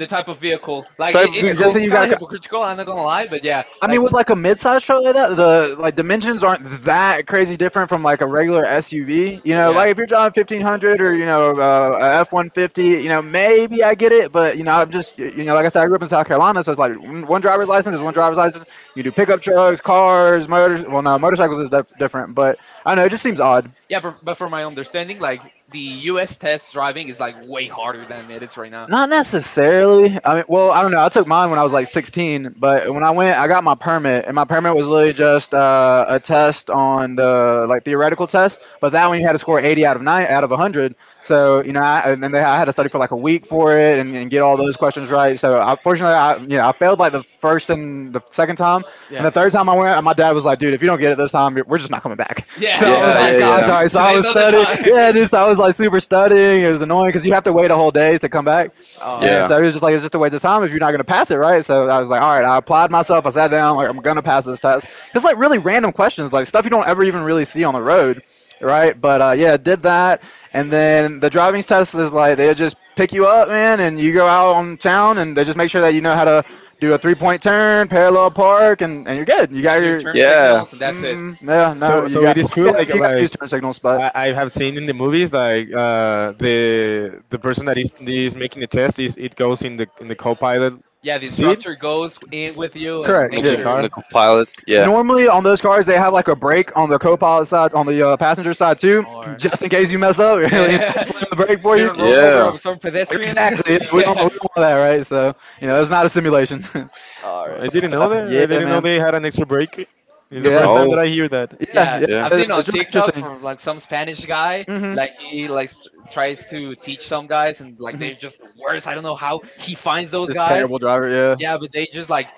Speaker 2: Uh,
Speaker 1: type of vehicle. Like it,
Speaker 4: Type of
Speaker 1: it's
Speaker 2: Just
Speaker 4: vehicle?
Speaker 2: so
Speaker 1: it's
Speaker 2: you
Speaker 1: kind
Speaker 2: got.
Speaker 1: of hypocritical. I'm not gonna lie, but yeah,
Speaker 2: I mean,
Speaker 1: like,
Speaker 2: with like a mid-sized truck like that, the like dimensions aren't that crazy different from like a regular S U V. You know,
Speaker 1: yeah.
Speaker 2: like if you're driving fifteen hundred or you know uh, a F one fifty, you know maybe I get it, but you know I'm just you know like I said, I grew up in South Carolina, so it's like one one driver's license is one driver's license. You do pickup trucks, cars, motors. Well, no, motorcycles is dif- different, but I don't know it just seems odd.
Speaker 1: Yeah, but, but from my understanding, like the U S test driving is like way harder than it is right now.
Speaker 2: Not necessarily. I mean, well, I don't know. I took mine when I was like sixteen, but when I went, I got my permit, and my permit was literally just uh, a test on the like theoretical test. But that one you had to score eighty out of nine out of one hundred. So you know, I, and then they, I had to study for like a week for it and, and get all those questions right. So I, fortunately, I you know I failed like the first and gotten the second time, and
Speaker 1: Yeah.
Speaker 2: the third time I went, my dad was like, "Dude, if you don't get it this time, we're just not coming back." Yeah.
Speaker 1: Yeah.
Speaker 2: So I was
Speaker 4: Yeah,
Speaker 2: like,
Speaker 4: yeah,
Speaker 2: "Gosh,
Speaker 4: yeah.
Speaker 2: all right." So I
Speaker 1: Today's
Speaker 2: was
Speaker 1: not the
Speaker 2: studying.
Speaker 1: time.
Speaker 2: Yeah, dude. So I was like super studying. It was annoying because you have to wait a whole day to come back, and
Speaker 1: Alright.
Speaker 4: Yeah.
Speaker 2: so it was just like it's just a waste of time if you're not gonna pass it, right? So I was like, "All right." I applied myself. I sat down. Like I'm gonna pass this test. It's like really random questions, like stuff you don't ever even really see on the road right? But uh, yeah, did that, and then the driving test is like they just pick you up, man, and you go out on town, and they just make sure that you know how to do a three-point turn, parallel park, and, and you're good. You got
Speaker 1: It's your
Speaker 2: your,
Speaker 1: turn
Speaker 4: Yeah.
Speaker 1: signals, and
Speaker 2: mm,
Speaker 1: that's it.
Speaker 2: mm yeah, no,
Speaker 3: so
Speaker 2: you
Speaker 3: so it
Speaker 2: got,
Speaker 3: is
Speaker 2: well,
Speaker 3: true.
Speaker 2: yeah,
Speaker 3: Like
Speaker 2: you got to
Speaker 3: like
Speaker 2: use turn signals, but
Speaker 3: I, I have seen in the movies, like, uh, the the person that is is making the test, is it goes in the in the co-pilot
Speaker 1: Yeah, the
Speaker 3: seat
Speaker 1: instructor goes in with you and
Speaker 2: correct,
Speaker 4: I'm
Speaker 1: make
Speaker 4: a,
Speaker 3: in
Speaker 2: yeah.
Speaker 3: the
Speaker 4: co-
Speaker 1: sure.
Speaker 4: I'm
Speaker 3: car.
Speaker 4: a co-pilot. Yeah.
Speaker 2: Normally on those cars they have like a brake on the co-pilot side, on the uh, passenger side too,
Speaker 1: Alright.
Speaker 2: just in case you mess up. Really, it's
Speaker 1: Yeah.
Speaker 2: like a brake for
Speaker 1: You
Speaker 2: you.
Speaker 1: don't run over
Speaker 4: Yeah.
Speaker 1: over some pedestrians.
Speaker 2: Exactly. Yeah, We don't,
Speaker 1: Yeah.
Speaker 2: we don't want that, right? So you know, it's not a simulation. But,
Speaker 3: I didn't know
Speaker 2: uh,
Speaker 3: that. I
Speaker 2: yeah,
Speaker 3: didn't know
Speaker 2: man.
Speaker 3: they had an extra break. It's the first
Speaker 2: Yeah,
Speaker 3: time that
Speaker 4: No.
Speaker 3: I hear that.
Speaker 2: yeah,
Speaker 1: Yeah,
Speaker 2: yeah.
Speaker 1: yeah.
Speaker 4: Yeah.
Speaker 1: I've
Speaker 2: it-
Speaker 1: seen on
Speaker 2: It's really
Speaker 1: TikTok
Speaker 2: interesting.
Speaker 1: from like some Spanish guy,
Speaker 2: hmm
Speaker 1: like he like s- tries to teach some guys, and like
Speaker 2: hmm
Speaker 1: they're just the worst. I don't know how he finds those
Speaker 2: Just
Speaker 1: guys.
Speaker 2: terrible driver. Yeah.
Speaker 1: Yeah, but they just like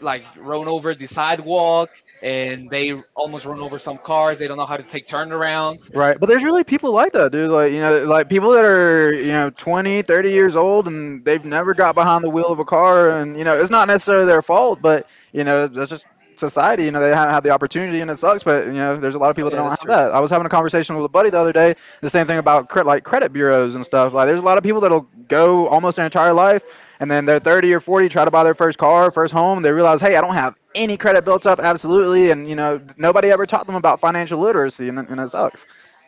Speaker 1: like run over the sidewalk, and they almost run over some cars. They don't know how to take turnarounds.
Speaker 2: Right, but there's really people like that, dude. Like, you know, like people that are, you know, twenty, thirty years old and they've never got behind the wheel of a car and, you know, it's not necessarily their fault, but, you know, that's just society, you know, they haven't had the opportunity and it sucks, but, you know, there's a lot of
Speaker 1: Oh
Speaker 2: people that
Speaker 1: yeah,
Speaker 2: don't
Speaker 1: that's
Speaker 2: have
Speaker 1: true.
Speaker 2: that. I was having a conversation with a buddy the other day, the same thing about cre- like credit bureaus and stuff. Like there's a lot of people that'll go almost their entire life and then they're thirty or forty try to buy their first car, first home, they realize, "Hey, I don't have any credit built up absolutely." And, you know, nobody ever taught them about financial literacy and, it- and it sucks.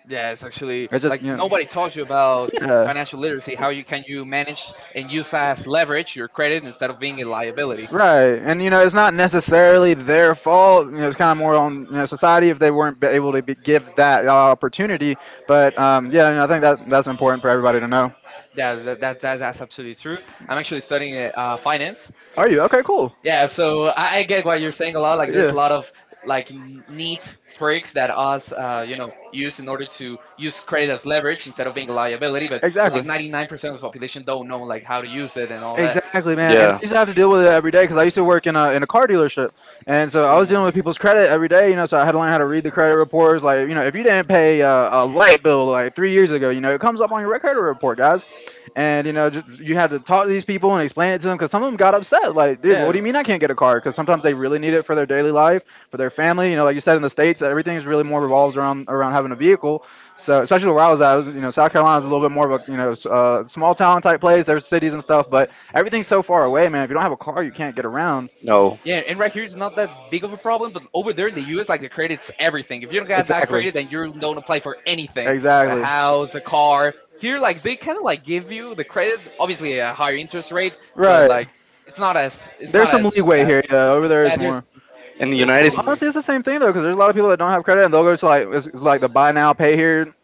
Speaker 1: Yeah, it's actually
Speaker 2: I just
Speaker 1: like
Speaker 2: you know
Speaker 1: nobody taught you about
Speaker 2: yeah.
Speaker 1: financial literacy. How you can you manage and use as leverage your credit instead of being a liability.
Speaker 2: Right, and you know it's not necessarily their fault. You know, it's kind of more on you know society if they weren't be- able to be, give that opportunity. But um, yeah, you know, I think that that's important for everybody to know.
Speaker 1: Yeah, that, that's that, that's absolutely true. I'm actually studying uh, uh, finance.
Speaker 2: Are you okay? Cool.
Speaker 1: Yeah, so I, I get what you're saying a lot. Like, there's a lot of like n- neat tricks that us, uh, you know, use in order to use credit as leverage instead of being a liability.
Speaker 2: Yeah.
Speaker 1: But like
Speaker 2: Exactly.
Speaker 1: ninety-nine percent of the population don't know like how to use it and all that.
Speaker 2: Exactly, man. And I
Speaker 4: Yeah.
Speaker 2: used to have to deal with it every day because I used to work in a in a car dealership, and so I was
Speaker 1: Ooh.
Speaker 2: dealing with people's credit every day, you know. So I had to learn how to read the credit reports. Like, you know, if you didn't pay uh, a light bill like three years ago, you know, it comes up on your credit report, guys. And you know, just you had to talk to these people and explain it to them because some of them got upset. Like, dude, what do
Speaker 1: Yeah,
Speaker 2: you mean I can't get a card? Because sometimes they really need it for their daily life, for their family. You know, like you said, in the states, everything is really more revolves around around having a vehicle. So especially where I was at, I was, you know, South Carolina is a little bit more of a you know s- uh, small town type place. There's cities and stuff, but everything's so far away, man. If you don't have a car, you can't get around.
Speaker 4: No.
Speaker 1: yeah, and right here it's not that big of a problem, but over there in the U S, like the credit's everything. If you don't got that
Speaker 2: Exactly.
Speaker 1: credit, then you don't apply for anything, a
Speaker 2: Exactly.
Speaker 1: house, a car. Here, like they kind of like give you the credit, obviously a higher interest rate, but
Speaker 2: Right.
Speaker 1: like it's not as
Speaker 2: it's
Speaker 1: it's not
Speaker 2: There's not some
Speaker 1: as
Speaker 2: leeway
Speaker 1: bad.
Speaker 2: here. Yeah, over there is,
Speaker 1: Yeah,
Speaker 2: yeah, more.
Speaker 1: there's
Speaker 2: There's
Speaker 4: In the
Speaker 1: there's some
Speaker 4: United.
Speaker 1: leeway.
Speaker 2: Honestly, it's the same thing though, because there's a lot of people that don't have credit, and they'll go to like it's like the buy now, pay here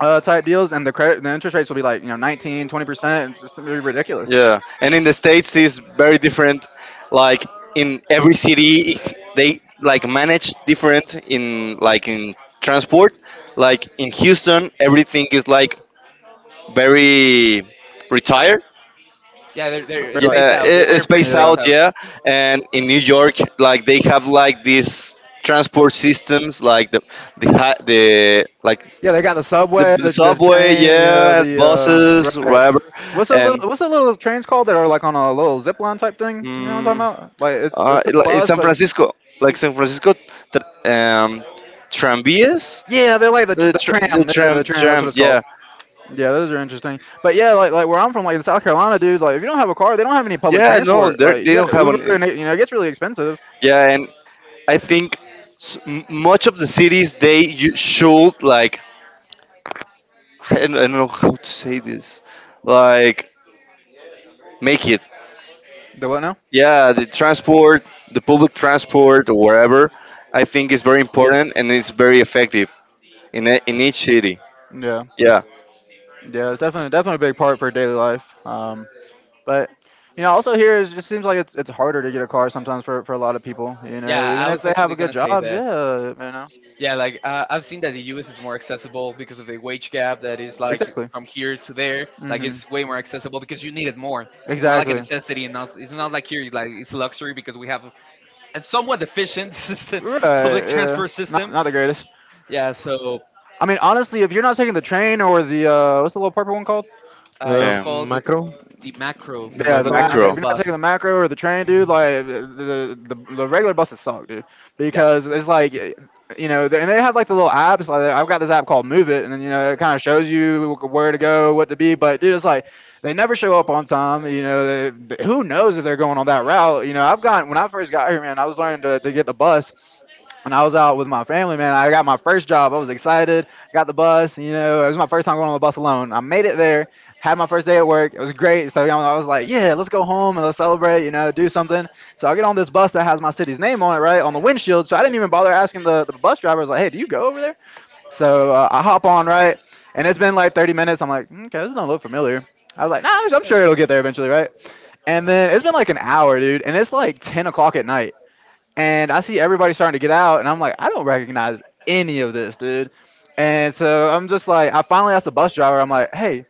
Speaker 2: uh, type deals, and the credit, the interest rates will be like you know nineteen, twenty percent, just really ridiculous.
Speaker 4: Yeah, and in the states is very different. Like in every city, they like manage different in like in transport. Like in Houston, everything is like very retired.
Speaker 1: Yeah, they're they're
Speaker 2: But like,
Speaker 1: spaced
Speaker 4: Yeah,
Speaker 1: out. They're,
Speaker 4: it, it's
Speaker 1: they're pretty
Speaker 4: spaced
Speaker 2: yeah,
Speaker 1: spaced
Speaker 4: out.
Speaker 1: out.
Speaker 4: Yeah, and in New York, like they have like these transport systems, like the the hi- the like
Speaker 2: yeah, they got the
Speaker 4: the,
Speaker 2: subway,
Speaker 4: the
Speaker 2: the, the
Speaker 4: subway.
Speaker 2: train, yeah, yeah,
Speaker 4: Yeah, and
Speaker 2: the uh,
Speaker 4: buses,
Speaker 2: right.
Speaker 4: whatever,
Speaker 2: What's a
Speaker 4: and.
Speaker 2: little what's a little trains called that are like on a little zip line type thing? You know what I'm
Speaker 4: Mm,
Speaker 2: talking about? Like it's
Speaker 4: Uh,
Speaker 2: it's
Speaker 4: it-
Speaker 2: a
Speaker 4: like in
Speaker 2: bus,
Speaker 4: San
Speaker 2: San but
Speaker 4: Francisco, like San Francisco, tr- um, tranvías,
Speaker 2: yeah, they're like the tr-
Speaker 4: the
Speaker 2: the
Speaker 4: tr- the
Speaker 2: tram, yeah, the
Speaker 4: tram
Speaker 2: tram. That's what
Speaker 4: tram,
Speaker 2: it's Yeah. called.
Speaker 4: yeah,
Speaker 2: Yeah, those are interesting. But yeah, like like where I'm from, like in South Carolina, dude, like if you don't have a car, they don't have any public
Speaker 4: yeah, no,
Speaker 2: transport.
Speaker 4: they
Speaker 2: Like you
Speaker 4: they
Speaker 2: got
Speaker 4: don't
Speaker 2: to
Speaker 4: have
Speaker 2: Uber,
Speaker 4: an,
Speaker 2: and it, you know, it gets really expensive.
Speaker 4: yeah, and I think s- m- much of the cities they you should like, I don't, I don't know how to say this, like make it,
Speaker 2: The what now?
Speaker 4: yeah, the transport, the public transport or whatever, I think is very important and it's very effective in e- in each city,
Speaker 2: Yeah.
Speaker 4: yeah,
Speaker 2: Yeah, it's definitely definitely a big part for daily life. Um, but you know, also here is- it just seems like it's it's harder to get a car sometimes for for a lot of people. You
Speaker 1: Yeah,
Speaker 2: know, even
Speaker 1: I
Speaker 2: if
Speaker 1: was
Speaker 2: they have a
Speaker 1: actually
Speaker 2: good
Speaker 1: gonna say
Speaker 2: jobs, yeah,
Speaker 1: that.
Speaker 2: you know,
Speaker 1: Yeah, like uh, I've seen that the U S is more accessible because of the wage gap that is like
Speaker 2: exactly.
Speaker 1: from here to there. Like
Speaker 2: hmm
Speaker 1: it's way more accessible because you need it more. It's more like a
Speaker 2: Exactly.
Speaker 1: necessity, and not it's not like here it's like it's luxury because we have a, a somewhat efficient system,
Speaker 2: Right.
Speaker 1: public
Speaker 2: Yeah.
Speaker 1: transport
Speaker 2: Not
Speaker 1: system.
Speaker 2: not the greatest.
Speaker 1: Yeah, so
Speaker 2: I mean, honestly, if you're not taking the train or the uh, what's the little purple one called?
Speaker 1: uh,
Speaker 3: The
Speaker 1: it's
Speaker 4: um,
Speaker 1: called
Speaker 3: macro,
Speaker 1: the macro,
Speaker 3: the
Speaker 2: Yeah, the
Speaker 1: the
Speaker 2: mac.
Speaker 3: macro.
Speaker 2: If
Speaker 1: macro
Speaker 4: macro,
Speaker 2: you're not taking
Speaker 1: bus.
Speaker 2: the macro or the train, dude, like the the, the, the regular buses suck, dude,
Speaker 1: Yeah.
Speaker 2: because it's like you know, they- and they have like the little apps. Like I've got this app called Move It, and then you know it kind of shows you where to go, what to be. But dude, it's like they never show up on time. You know, they, who knows if they're going on that route? You know, I've got when I first got here, man, I was learning to, to get the bus, when I was out with my family, man, I got my first job. I was excited. Got the bus. You know, it was my first time going on the bus alone. I made it there. Had my first day at work. It was great. So you know, I was like, yeah, let's go home and let's celebrate. You know, do something. So I get on this bus that has my city's name on it, right, on the windshield. So I didn't even bother asking the, the bus driver. I was like, hey, do you go over there? So uh, I hop on, right, and it's been like thirty minutes. I'm like, "Mm, okay, this don't look familiar. I was like, nah, I'm sure it'll get there eventually, right? And then it's been like an hour, dude, and it's like ten o'clock at night, and I see everybody starting to get out, and I'm like, I don't recognize any of this, dude. And so I'm just like, I finally asked the bus driver, I'm like, hey,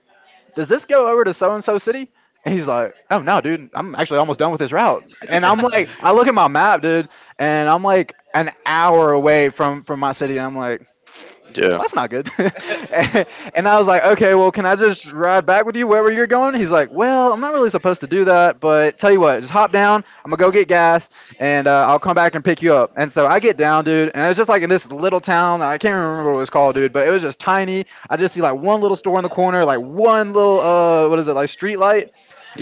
Speaker 2: does this go over to so and so city? And he's like, oh no, dude, I'm actually almost done with this route. And I'm like, I look at my map, dude, and I'm like an hour away from from my city, and I'm like,
Speaker 4: yeah,
Speaker 2: well, that's not good. and, and I was like, okay, well, can I just ride back with you wherever you're going? He's like, well, I'm not really supposed to do that, but tell you what, just hop down. I'm gonna go get gas, and uh, I'll come back and pick you up. And so I get down, dude, and it was just like in this little town. I can't remember what it was called, dude, but it was just tiny. I just see like one little store in the corner, like one little uh, what is it, like street light,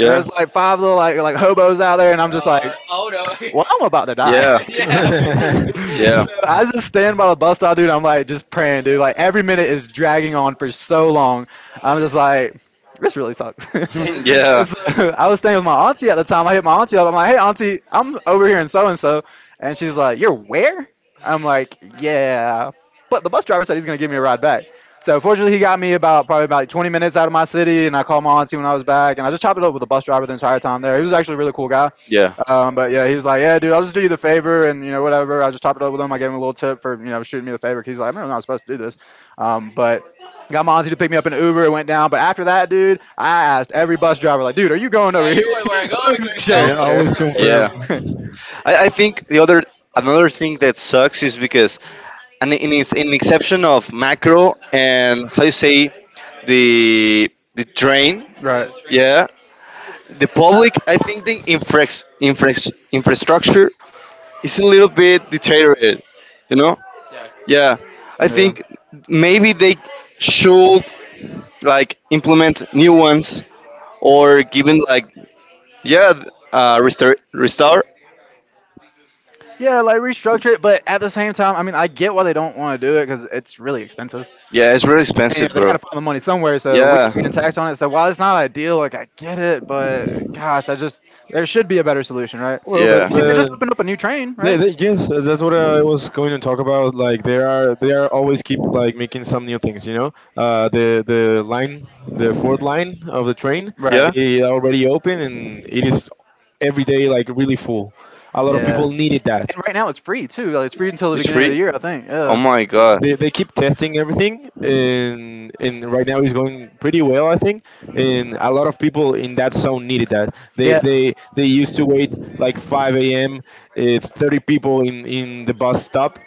Speaker 2: and there's like five little like like hobos out there, and I'm just like,
Speaker 1: Uh, oh no.
Speaker 2: well, I'm about to die.
Speaker 4: Yeah.
Speaker 1: Yeah.
Speaker 2: So
Speaker 4: Yeah.
Speaker 2: I just stand by the bus stop, dude. I'm like just praying, dude. Like every minute is dragging on for so long. I'm just like, this really sucks.
Speaker 1: Yeah, this
Speaker 4: yeah.
Speaker 1: yeah,
Speaker 2: So I was staying with my auntie at the time. I hit my auntie up. I'm like, hey, auntie, I'm over here in so and so, and she's like, you're where? I'm like, yeah. But the bus driver said he's gonna give me a ride back. So fortunately, he got me about probably about like twenty minutes out of my city, and I called my auntie when I was back, and I just chopped it up with the bus driver the entire time there. He was actually a really cool guy.
Speaker 4: Yeah.
Speaker 2: Um, but yeah, he was like, "Yeah, dude, I'll just do you the favor, and you know, whatever." I just topped it up with him. I gave him a little tip for you know shooting me the favor. 'Cause he's like, "I'm really not supposed to do this," um, but got Monty to pick me up in an Uber. It went down, but after that, dude, I asked every bus driver, like, "Dude, are you going over here?"
Speaker 1: you going where I go
Speaker 2: Let me
Speaker 1: because
Speaker 2: make
Speaker 1: there's
Speaker 3: Yeah,
Speaker 1: no
Speaker 3: always confirm.
Speaker 4: Yeah.
Speaker 2: sure.
Speaker 4: I, I think the other another thing that sucks is because and in it's in exception of macro and how you say the the train.
Speaker 1: Yeah,
Speaker 2: Right.
Speaker 1: the train.
Speaker 4: Yeah. The public I think the infra, infra, infrastructure is a little bit deteriorated. You know?
Speaker 1: Yeah,
Speaker 4: Yeah. I
Speaker 2: Yeah.
Speaker 4: think maybe they should like implement new ones or given like Yeah, th- uh, restore, restore.
Speaker 2: Yeah, like restructure it, but at the same time, I mean, I get why they don't want to do it because it's really expensive.
Speaker 4: Yeah, it's really
Speaker 2: And, you know,
Speaker 4: expensive,
Speaker 2: they got
Speaker 4: bro.
Speaker 2: to find the money somewhere, so we
Speaker 4: Yeah,
Speaker 2: were getting taxed on it. So while it's not ideal, like I get it, but gosh, I just there should be a better solution, right?
Speaker 3: Well,
Speaker 2: Well,
Speaker 3: but
Speaker 4: yeah,
Speaker 2: you see, they
Speaker 3: but
Speaker 2: just opened up a new train,
Speaker 3: they,
Speaker 2: right?
Speaker 3: they, yes, uh, that's what I was going to talk about. Like they are they are always keep like making some new things. You know, uh, the the line, the fourth line of the train,
Speaker 2: Right.
Speaker 4: yeah.
Speaker 3: it already open, and it is every day like really full. A lot of
Speaker 2: Yeah.
Speaker 3: people needed that.
Speaker 2: And right now it's free too. Like it's free until the
Speaker 4: It's
Speaker 2: beginning of the
Speaker 4: free.
Speaker 2: year, I think.
Speaker 4: Oh
Speaker 2: Yeah.
Speaker 4: my god.
Speaker 3: they, they keep testing everything, and and right now it's going pretty well, I think. And a lot of people in that zone needed that. they
Speaker 2: Yeah.
Speaker 3: they they used to wait like five a m, uh, thirty people in in the bus stop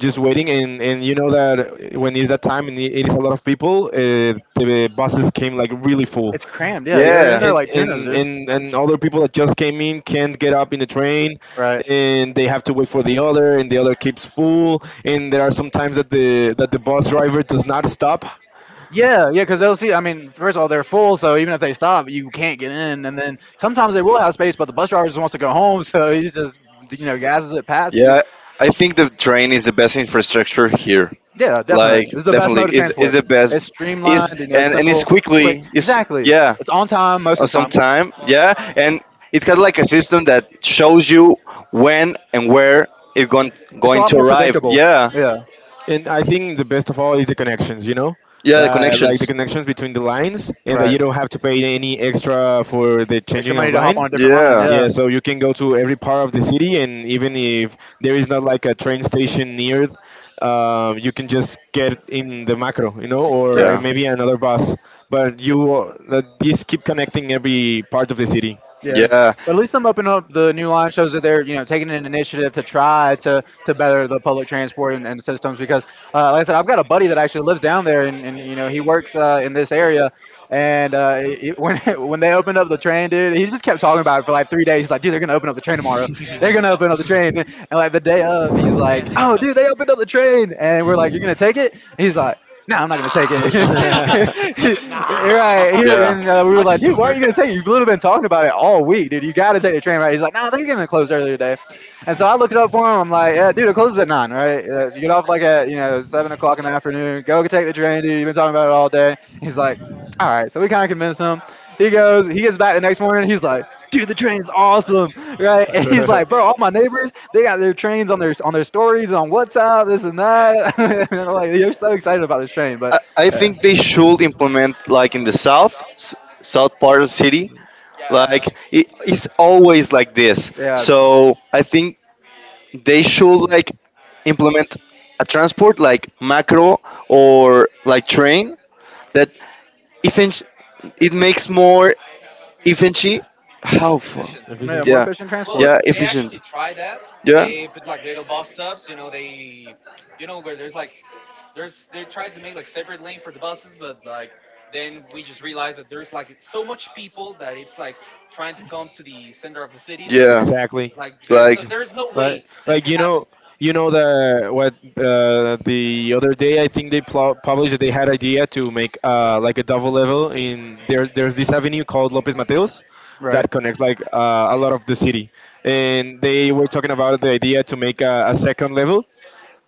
Speaker 3: just waiting. And and you know that when it's that time, and it is a lot of people, uh, the buses came like really full.
Speaker 2: It's crammed. Yeah.
Speaker 3: and
Speaker 2: They're in
Speaker 4: Yeah,
Speaker 2: there like
Speaker 3: and
Speaker 2: tunas, dude.
Speaker 3: and and other people that just came in can't get up in the train,
Speaker 2: Right.
Speaker 3: and they have to wait for the other, and the other keeps full, and there are some times that the that the bus driver does not stop.
Speaker 2: Yeah, yeah, because they'll see. I mean, first of all, they're full, so even if they stop, you can't get in. And then sometimes they will have space, but the bus driver just wants to go home, so he just you know gasses it past you.
Speaker 4: yeah. I think the train is the best infrastructure here.
Speaker 2: Yeah, definitely.
Speaker 4: Like,
Speaker 2: It's the best
Speaker 4: definitely,
Speaker 2: mode of
Speaker 4: is is
Speaker 2: transport.
Speaker 4: the
Speaker 2: It's
Speaker 4: best. Is
Speaker 2: streamlined, you know, it's
Speaker 4: and and it's
Speaker 2: simple, quick.
Speaker 4: quickly. It's
Speaker 2: Exactly.
Speaker 4: yeah,
Speaker 2: It's on time most
Speaker 4: uh,
Speaker 2: of the
Speaker 4: some
Speaker 2: time.
Speaker 4: time.
Speaker 1: most of the
Speaker 4: Yeah,
Speaker 1: time, yeah.
Speaker 4: and it has like a system that shows you when and where it's going
Speaker 2: It's a
Speaker 4: going
Speaker 2: lot
Speaker 4: to
Speaker 2: more
Speaker 4: arrive.
Speaker 2: predictable.
Speaker 4: Yeah,
Speaker 2: Yeah,
Speaker 3: And I think the best of all is the connections. You know,
Speaker 4: yeah. The
Speaker 3: uh, like the
Speaker 4: connections.
Speaker 3: connections between the lines, and that
Speaker 2: right.
Speaker 3: you don't have to pay any extra for the
Speaker 2: Extra
Speaker 3: changing of
Speaker 2: money to hop on
Speaker 3: line.
Speaker 2: a different line.
Speaker 4: Yeah,
Speaker 3: Yeah,
Speaker 2: Yeah,
Speaker 3: so you can go to every part of the city, and even if there is not like a train station near, um, you can just get in the macro, you know, or
Speaker 2: right.
Speaker 3: uh,
Speaker 4: yeah,
Speaker 3: maybe another bus. But you, uh, just keep connecting every part of the city.
Speaker 2: Yeah.
Speaker 4: yeah,
Speaker 2: But at least them opening up the new line shows that they're, you know, taking an initiative to try to, to better the public transport and, and systems because, uh, like I said, I've got a buddy that actually lives down there and, and you know, he works uh, in this area. And uh, he- when when they opened up the train, dude, he just kept talking about it for like three days. He's like, dude, they're going to open up the train tomorrow. They're going to
Speaker 1: Yeah.
Speaker 2: open up the train. And like the day of, he's like, oh, dude, they opened up the train. And we're like, you're going to take it? And he's like, no, I'm not gonna take it.
Speaker 1: Nah. I'll just Uber.
Speaker 2: Right. He-
Speaker 4: yeah.
Speaker 2: And uh, we were like, dude, why are you gonna take it? You've literally been talking about it all week, dude. You gotta take the train, right? He's like, no, nah, they're gonna close earlier today. And so I looked it up for him. I'm like, yeah, dude, it closes at nine, right? Uh, so you get off like at you know seven o'clock in the afternoon. Go take the train, dude. You've been talking about it all day. He's like, all right. So we kind of convinced him. He goes, he gets back the next morning. He's like, dude, the train's awesome, right? And he's like, bro, all my neighbors, they got their trains on their on their stories on WhatsApp, this and
Speaker 1: Yeah. Yeah.
Speaker 2: that. And I'm like, you're so excited about this train, but
Speaker 4: I I
Speaker 2: yeah,
Speaker 4: think they should implement like in the south, s- south part of the city.
Speaker 1: Yeah,
Speaker 4: Like it, it's always like this.
Speaker 2: yeah,
Speaker 4: So I think they should like implement a transport like macro or like train that efficient. It makes more efficient. How? fu-
Speaker 1: efficient.
Speaker 2: yeah,
Speaker 1: Yeah.
Speaker 2: more
Speaker 3: Efficient.
Speaker 4: Yeah,
Speaker 2: efficient
Speaker 1: Well, yeah,
Speaker 2: transport,
Speaker 4: yeah,
Speaker 1: they actually
Speaker 4: efficient.
Speaker 1: try that. Yeah,
Speaker 4: Yeah.
Speaker 1: they put like little bus stops. You know, they, you know, where there's like, there's they tried to make like separate lane for the buses, but like then we just realized that there's like so much people that it's like trying to come to the center of the city that
Speaker 4: Yeah,
Speaker 3: Exactly.
Speaker 1: like there's
Speaker 3: Way.
Speaker 1: no
Speaker 4: like no,
Speaker 1: there's no way
Speaker 3: Like,
Speaker 1: that it can
Speaker 3: like you
Speaker 1: happen.
Speaker 3: know, you know the what uh, the other day I think they pl- published that they had idea to make, uh, like, a double level in there. There's this avenue called Lopez Mateos
Speaker 2: right?
Speaker 3: that connects, like, uh, a lot of the city, and they were talking about the idea to make a, a second level,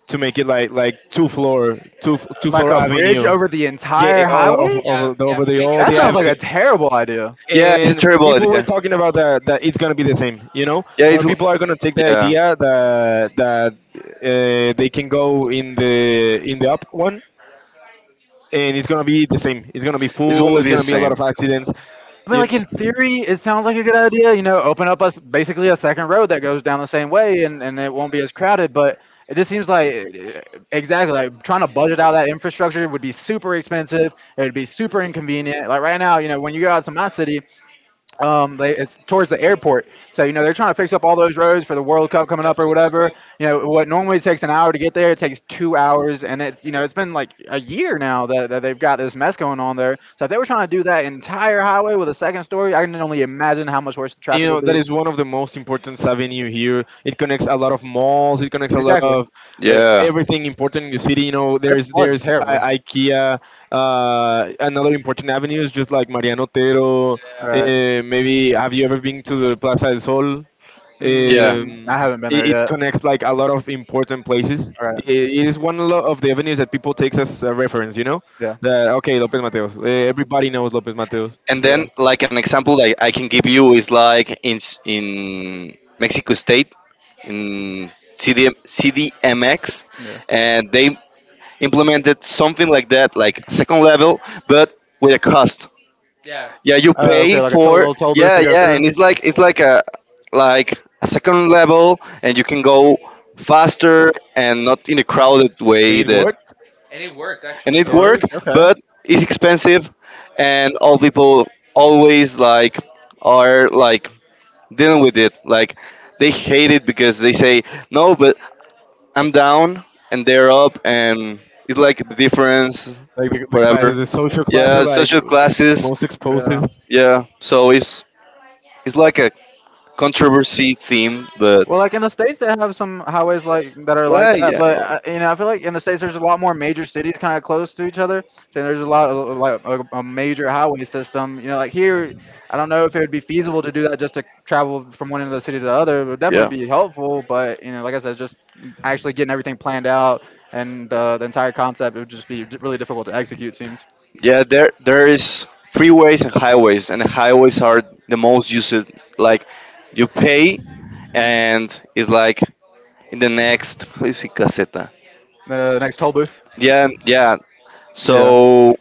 Speaker 3: to make it like like two floor two f- two
Speaker 2: Like
Speaker 3: floor
Speaker 2: a bridge
Speaker 3: avenue.
Speaker 2: over the
Speaker 3: Yeah, eh,
Speaker 2: entire
Speaker 3: all of,
Speaker 2: highway.
Speaker 1: Yeah,
Speaker 3: of the,
Speaker 1: yeah,
Speaker 3: over the
Speaker 1: make it a
Speaker 3: all
Speaker 2: That
Speaker 3: the
Speaker 2: sounds
Speaker 1: highway.
Speaker 2: like a
Speaker 3: avenue,
Speaker 2: terrible idea.
Speaker 4: yeah, it's a
Speaker 3: and
Speaker 4: terrible
Speaker 3: people were
Speaker 4: idea.
Speaker 3: talking about that, that it's gonna be the same. You know
Speaker 4: Yeah,
Speaker 3: more
Speaker 4: it's
Speaker 3: people are gonna take the
Speaker 4: yeah,
Speaker 3: idea that that uh, they can go in the in the up one, and it's gonna be the same, it's gonna be
Speaker 4: it's
Speaker 3: full,
Speaker 4: gonna
Speaker 3: it's
Speaker 4: be the
Speaker 3: gonna be a lot
Speaker 4: same.
Speaker 3: of accidents.
Speaker 2: I mean,
Speaker 3: you
Speaker 2: like in theory, it sounds like a good idea. You know, open up us basically a second road that goes down the same way, and and it won't be as crowded. But it just seems like eh, exactly like trying to budget out that infrastructure would be super expensive. It would be super inconvenient. Like right now, you know, when you go out to my city, um they it's towards the airport, so you know they're trying to fix up all those roads for the World Cup
Speaker 1: Yeah,
Speaker 2: coming
Speaker 1: for
Speaker 2: up
Speaker 1: the
Speaker 2: or
Speaker 1: World Cup.
Speaker 2: whatever. You know what normally takes an hour to get there, it takes two hours, and it's, you know, it's been like a year now that, that they've got this mess going on there. So if they were trying to do that entire highway with a second story, I can only imagine how much worse the
Speaker 3: you
Speaker 2: traffic would
Speaker 3: know that
Speaker 2: be.
Speaker 3: is one of the most important avenue here. It connects a lot of malls, it connects a lot
Speaker 2: Exactly.
Speaker 3: of, uh,
Speaker 4: Yeah,
Speaker 3: everything important in the city. You know,
Speaker 2: But it
Speaker 3: there's
Speaker 2: floods
Speaker 3: there's I-
Speaker 2: terribly.
Speaker 3: ikea uh, another important avenues just like Mariano Otero, uh,
Speaker 1: Yeah,
Speaker 2: All right.
Speaker 3: maybe have you ever been to the Plaza del Sol? um,
Speaker 4: yeah.
Speaker 2: mm, I haven't been
Speaker 3: it,
Speaker 2: there
Speaker 3: it
Speaker 2: yet.
Speaker 3: connects like a lot of important places.
Speaker 2: All right.
Speaker 3: I- it is one lo- of the avenues that people takes as a reference. You know,
Speaker 2: Yeah,
Speaker 3: that, okay, Lopez Mateos. Eh, Everybody knows Lopez Mateos,
Speaker 4: And
Speaker 2: yeah,
Speaker 4: then like an example that I can give you is like in s- in Mexico State in CD, C D M X,
Speaker 2: yeah.
Speaker 4: and they implemented something like that, like second level, but with a cost.
Speaker 1: yeah,
Speaker 4: Yeah, you
Speaker 2: Oh,
Speaker 4: pay
Speaker 2: okay, like a toll,
Speaker 4: for,
Speaker 2: little toll booth
Speaker 4: yeah,
Speaker 2: to go
Speaker 4: yeah,
Speaker 2: through.
Speaker 4: and it's like
Speaker 1: cool.
Speaker 4: it's like a like a second level and you can go faster and not in a crowded
Speaker 3: and
Speaker 4: way
Speaker 3: it
Speaker 4: that
Speaker 3: works.
Speaker 1: And it worked actually.
Speaker 4: and it
Speaker 1: Yeah.
Speaker 4: worked but it's expensive and all people always like are like dealing with it like they hate it because they say no but I'm down and they're up and it's like the difference
Speaker 3: Like the, the
Speaker 4: whatever.
Speaker 3: classes, the social classes,
Speaker 4: Yeah,
Speaker 3: like
Speaker 4: social classes.
Speaker 3: most exposed.
Speaker 2: Yeah.
Speaker 4: Yeah, so it's it's like a controversy theme, but
Speaker 2: Well, like in the states, they have some highways like that are like
Speaker 4: well,
Speaker 2: that,
Speaker 4: yeah,
Speaker 2: but
Speaker 4: oh,
Speaker 2: uh, you know, I feel like in the states there's a lot more major cities kind of close to each other, so there's a lot of like a, a major highway system. You know, like here, I don't know if it would be feasible to do that just to travel from one end of the city to the other. It would
Speaker 4: yeah,
Speaker 2: definitely be helpful, but, you know, like I said, just actually getting everything planned out and uh, the entire concept, it would just be d- really difficult to execute. Seems.
Speaker 4: yeah. There, there is freeways and highways, and the highways are the most used. Like you pay,
Speaker 2: Mhm.
Speaker 4: and it's like in the next is it caseta.
Speaker 2: The next toll booth.
Speaker 4: Yeah, yeah.
Speaker 2: Yeah.
Speaker 4: So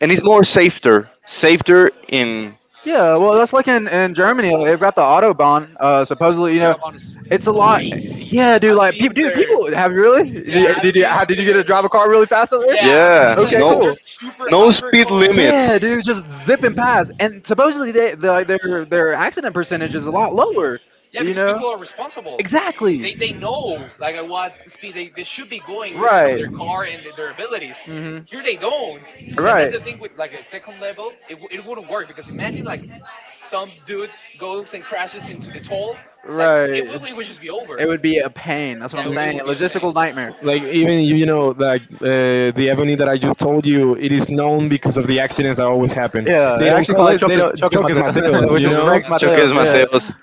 Speaker 4: and it's more safer, safer in.
Speaker 2: Yeah, well, that's like in, in Germany. Like, they've got the autobahn. Uh, supposedly,
Speaker 1: The
Speaker 2: you know,
Speaker 1: autobahn is
Speaker 2: it's a lot.
Speaker 1: crazy.
Speaker 2: Yeah, dude.
Speaker 1: I've
Speaker 2: Like,
Speaker 1: been
Speaker 2: peop dude,
Speaker 1: there.
Speaker 2: people, have you really? Did
Speaker 1: Yeah,
Speaker 2: you,
Speaker 1: I've
Speaker 2: did you
Speaker 1: been
Speaker 2: have, did you get
Speaker 1: there.
Speaker 2: to drive a car really fast up there?
Speaker 1: Yeah, I've seen
Speaker 4: Yeah,
Speaker 1: like
Speaker 2: Okay,
Speaker 1: th-
Speaker 4: no,
Speaker 1: there's
Speaker 2: cool.
Speaker 1: super
Speaker 4: no
Speaker 1: hyper
Speaker 4: speed
Speaker 1: cars.
Speaker 2: Yeah,
Speaker 4: limits.
Speaker 2: dude, just zipping past. And supposedly, they, the, like, their their accident percentage is a lot lower.
Speaker 1: Yeah, because
Speaker 2: You
Speaker 1: people
Speaker 2: know.
Speaker 1: are responsible. Exactly. They
Speaker 2: Exactly.
Speaker 1: they know like at what speed they, they should be going depending on their
Speaker 2: Right.
Speaker 1: car and their abilities.
Speaker 2: Hmm.
Speaker 1: Here they don't. That, that's the
Speaker 2: Right.
Speaker 1: thing with like a second level. It, w- it wouldn't work because imagine like some dude goes and crashes into the toll. Like
Speaker 2: Right.
Speaker 1: it, would- it would just be over.
Speaker 2: It would be a pain. That's what
Speaker 1: Yeah,
Speaker 2: I'm
Speaker 1: it would be
Speaker 2: saying. A
Speaker 1: a pain.
Speaker 2: logistical nightmare.
Speaker 3: Like even you, you know, like uh, the avenue that I just told you, it is known because of the accidents that always happen.
Speaker 2: Yeah, I
Speaker 3: They don't
Speaker 2: actually call
Speaker 3: call
Speaker 2: it
Speaker 3: it. They
Speaker 2: Chocas,
Speaker 3: don't.
Speaker 2: Chocas
Speaker 3: Choques Mateos,
Speaker 2: Mateos, which
Speaker 3: you
Speaker 2: is
Speaker 1: Chokers,
Speaker 3: know.
Speaker 1: at
Speaker 2: Rex
Speaker 1: this,
Speaker 4: Choques
Speaker 2: Mateos.
Speaker 1: yeah.
Speaker 2: Yeah.
Speaker 4: Mateos.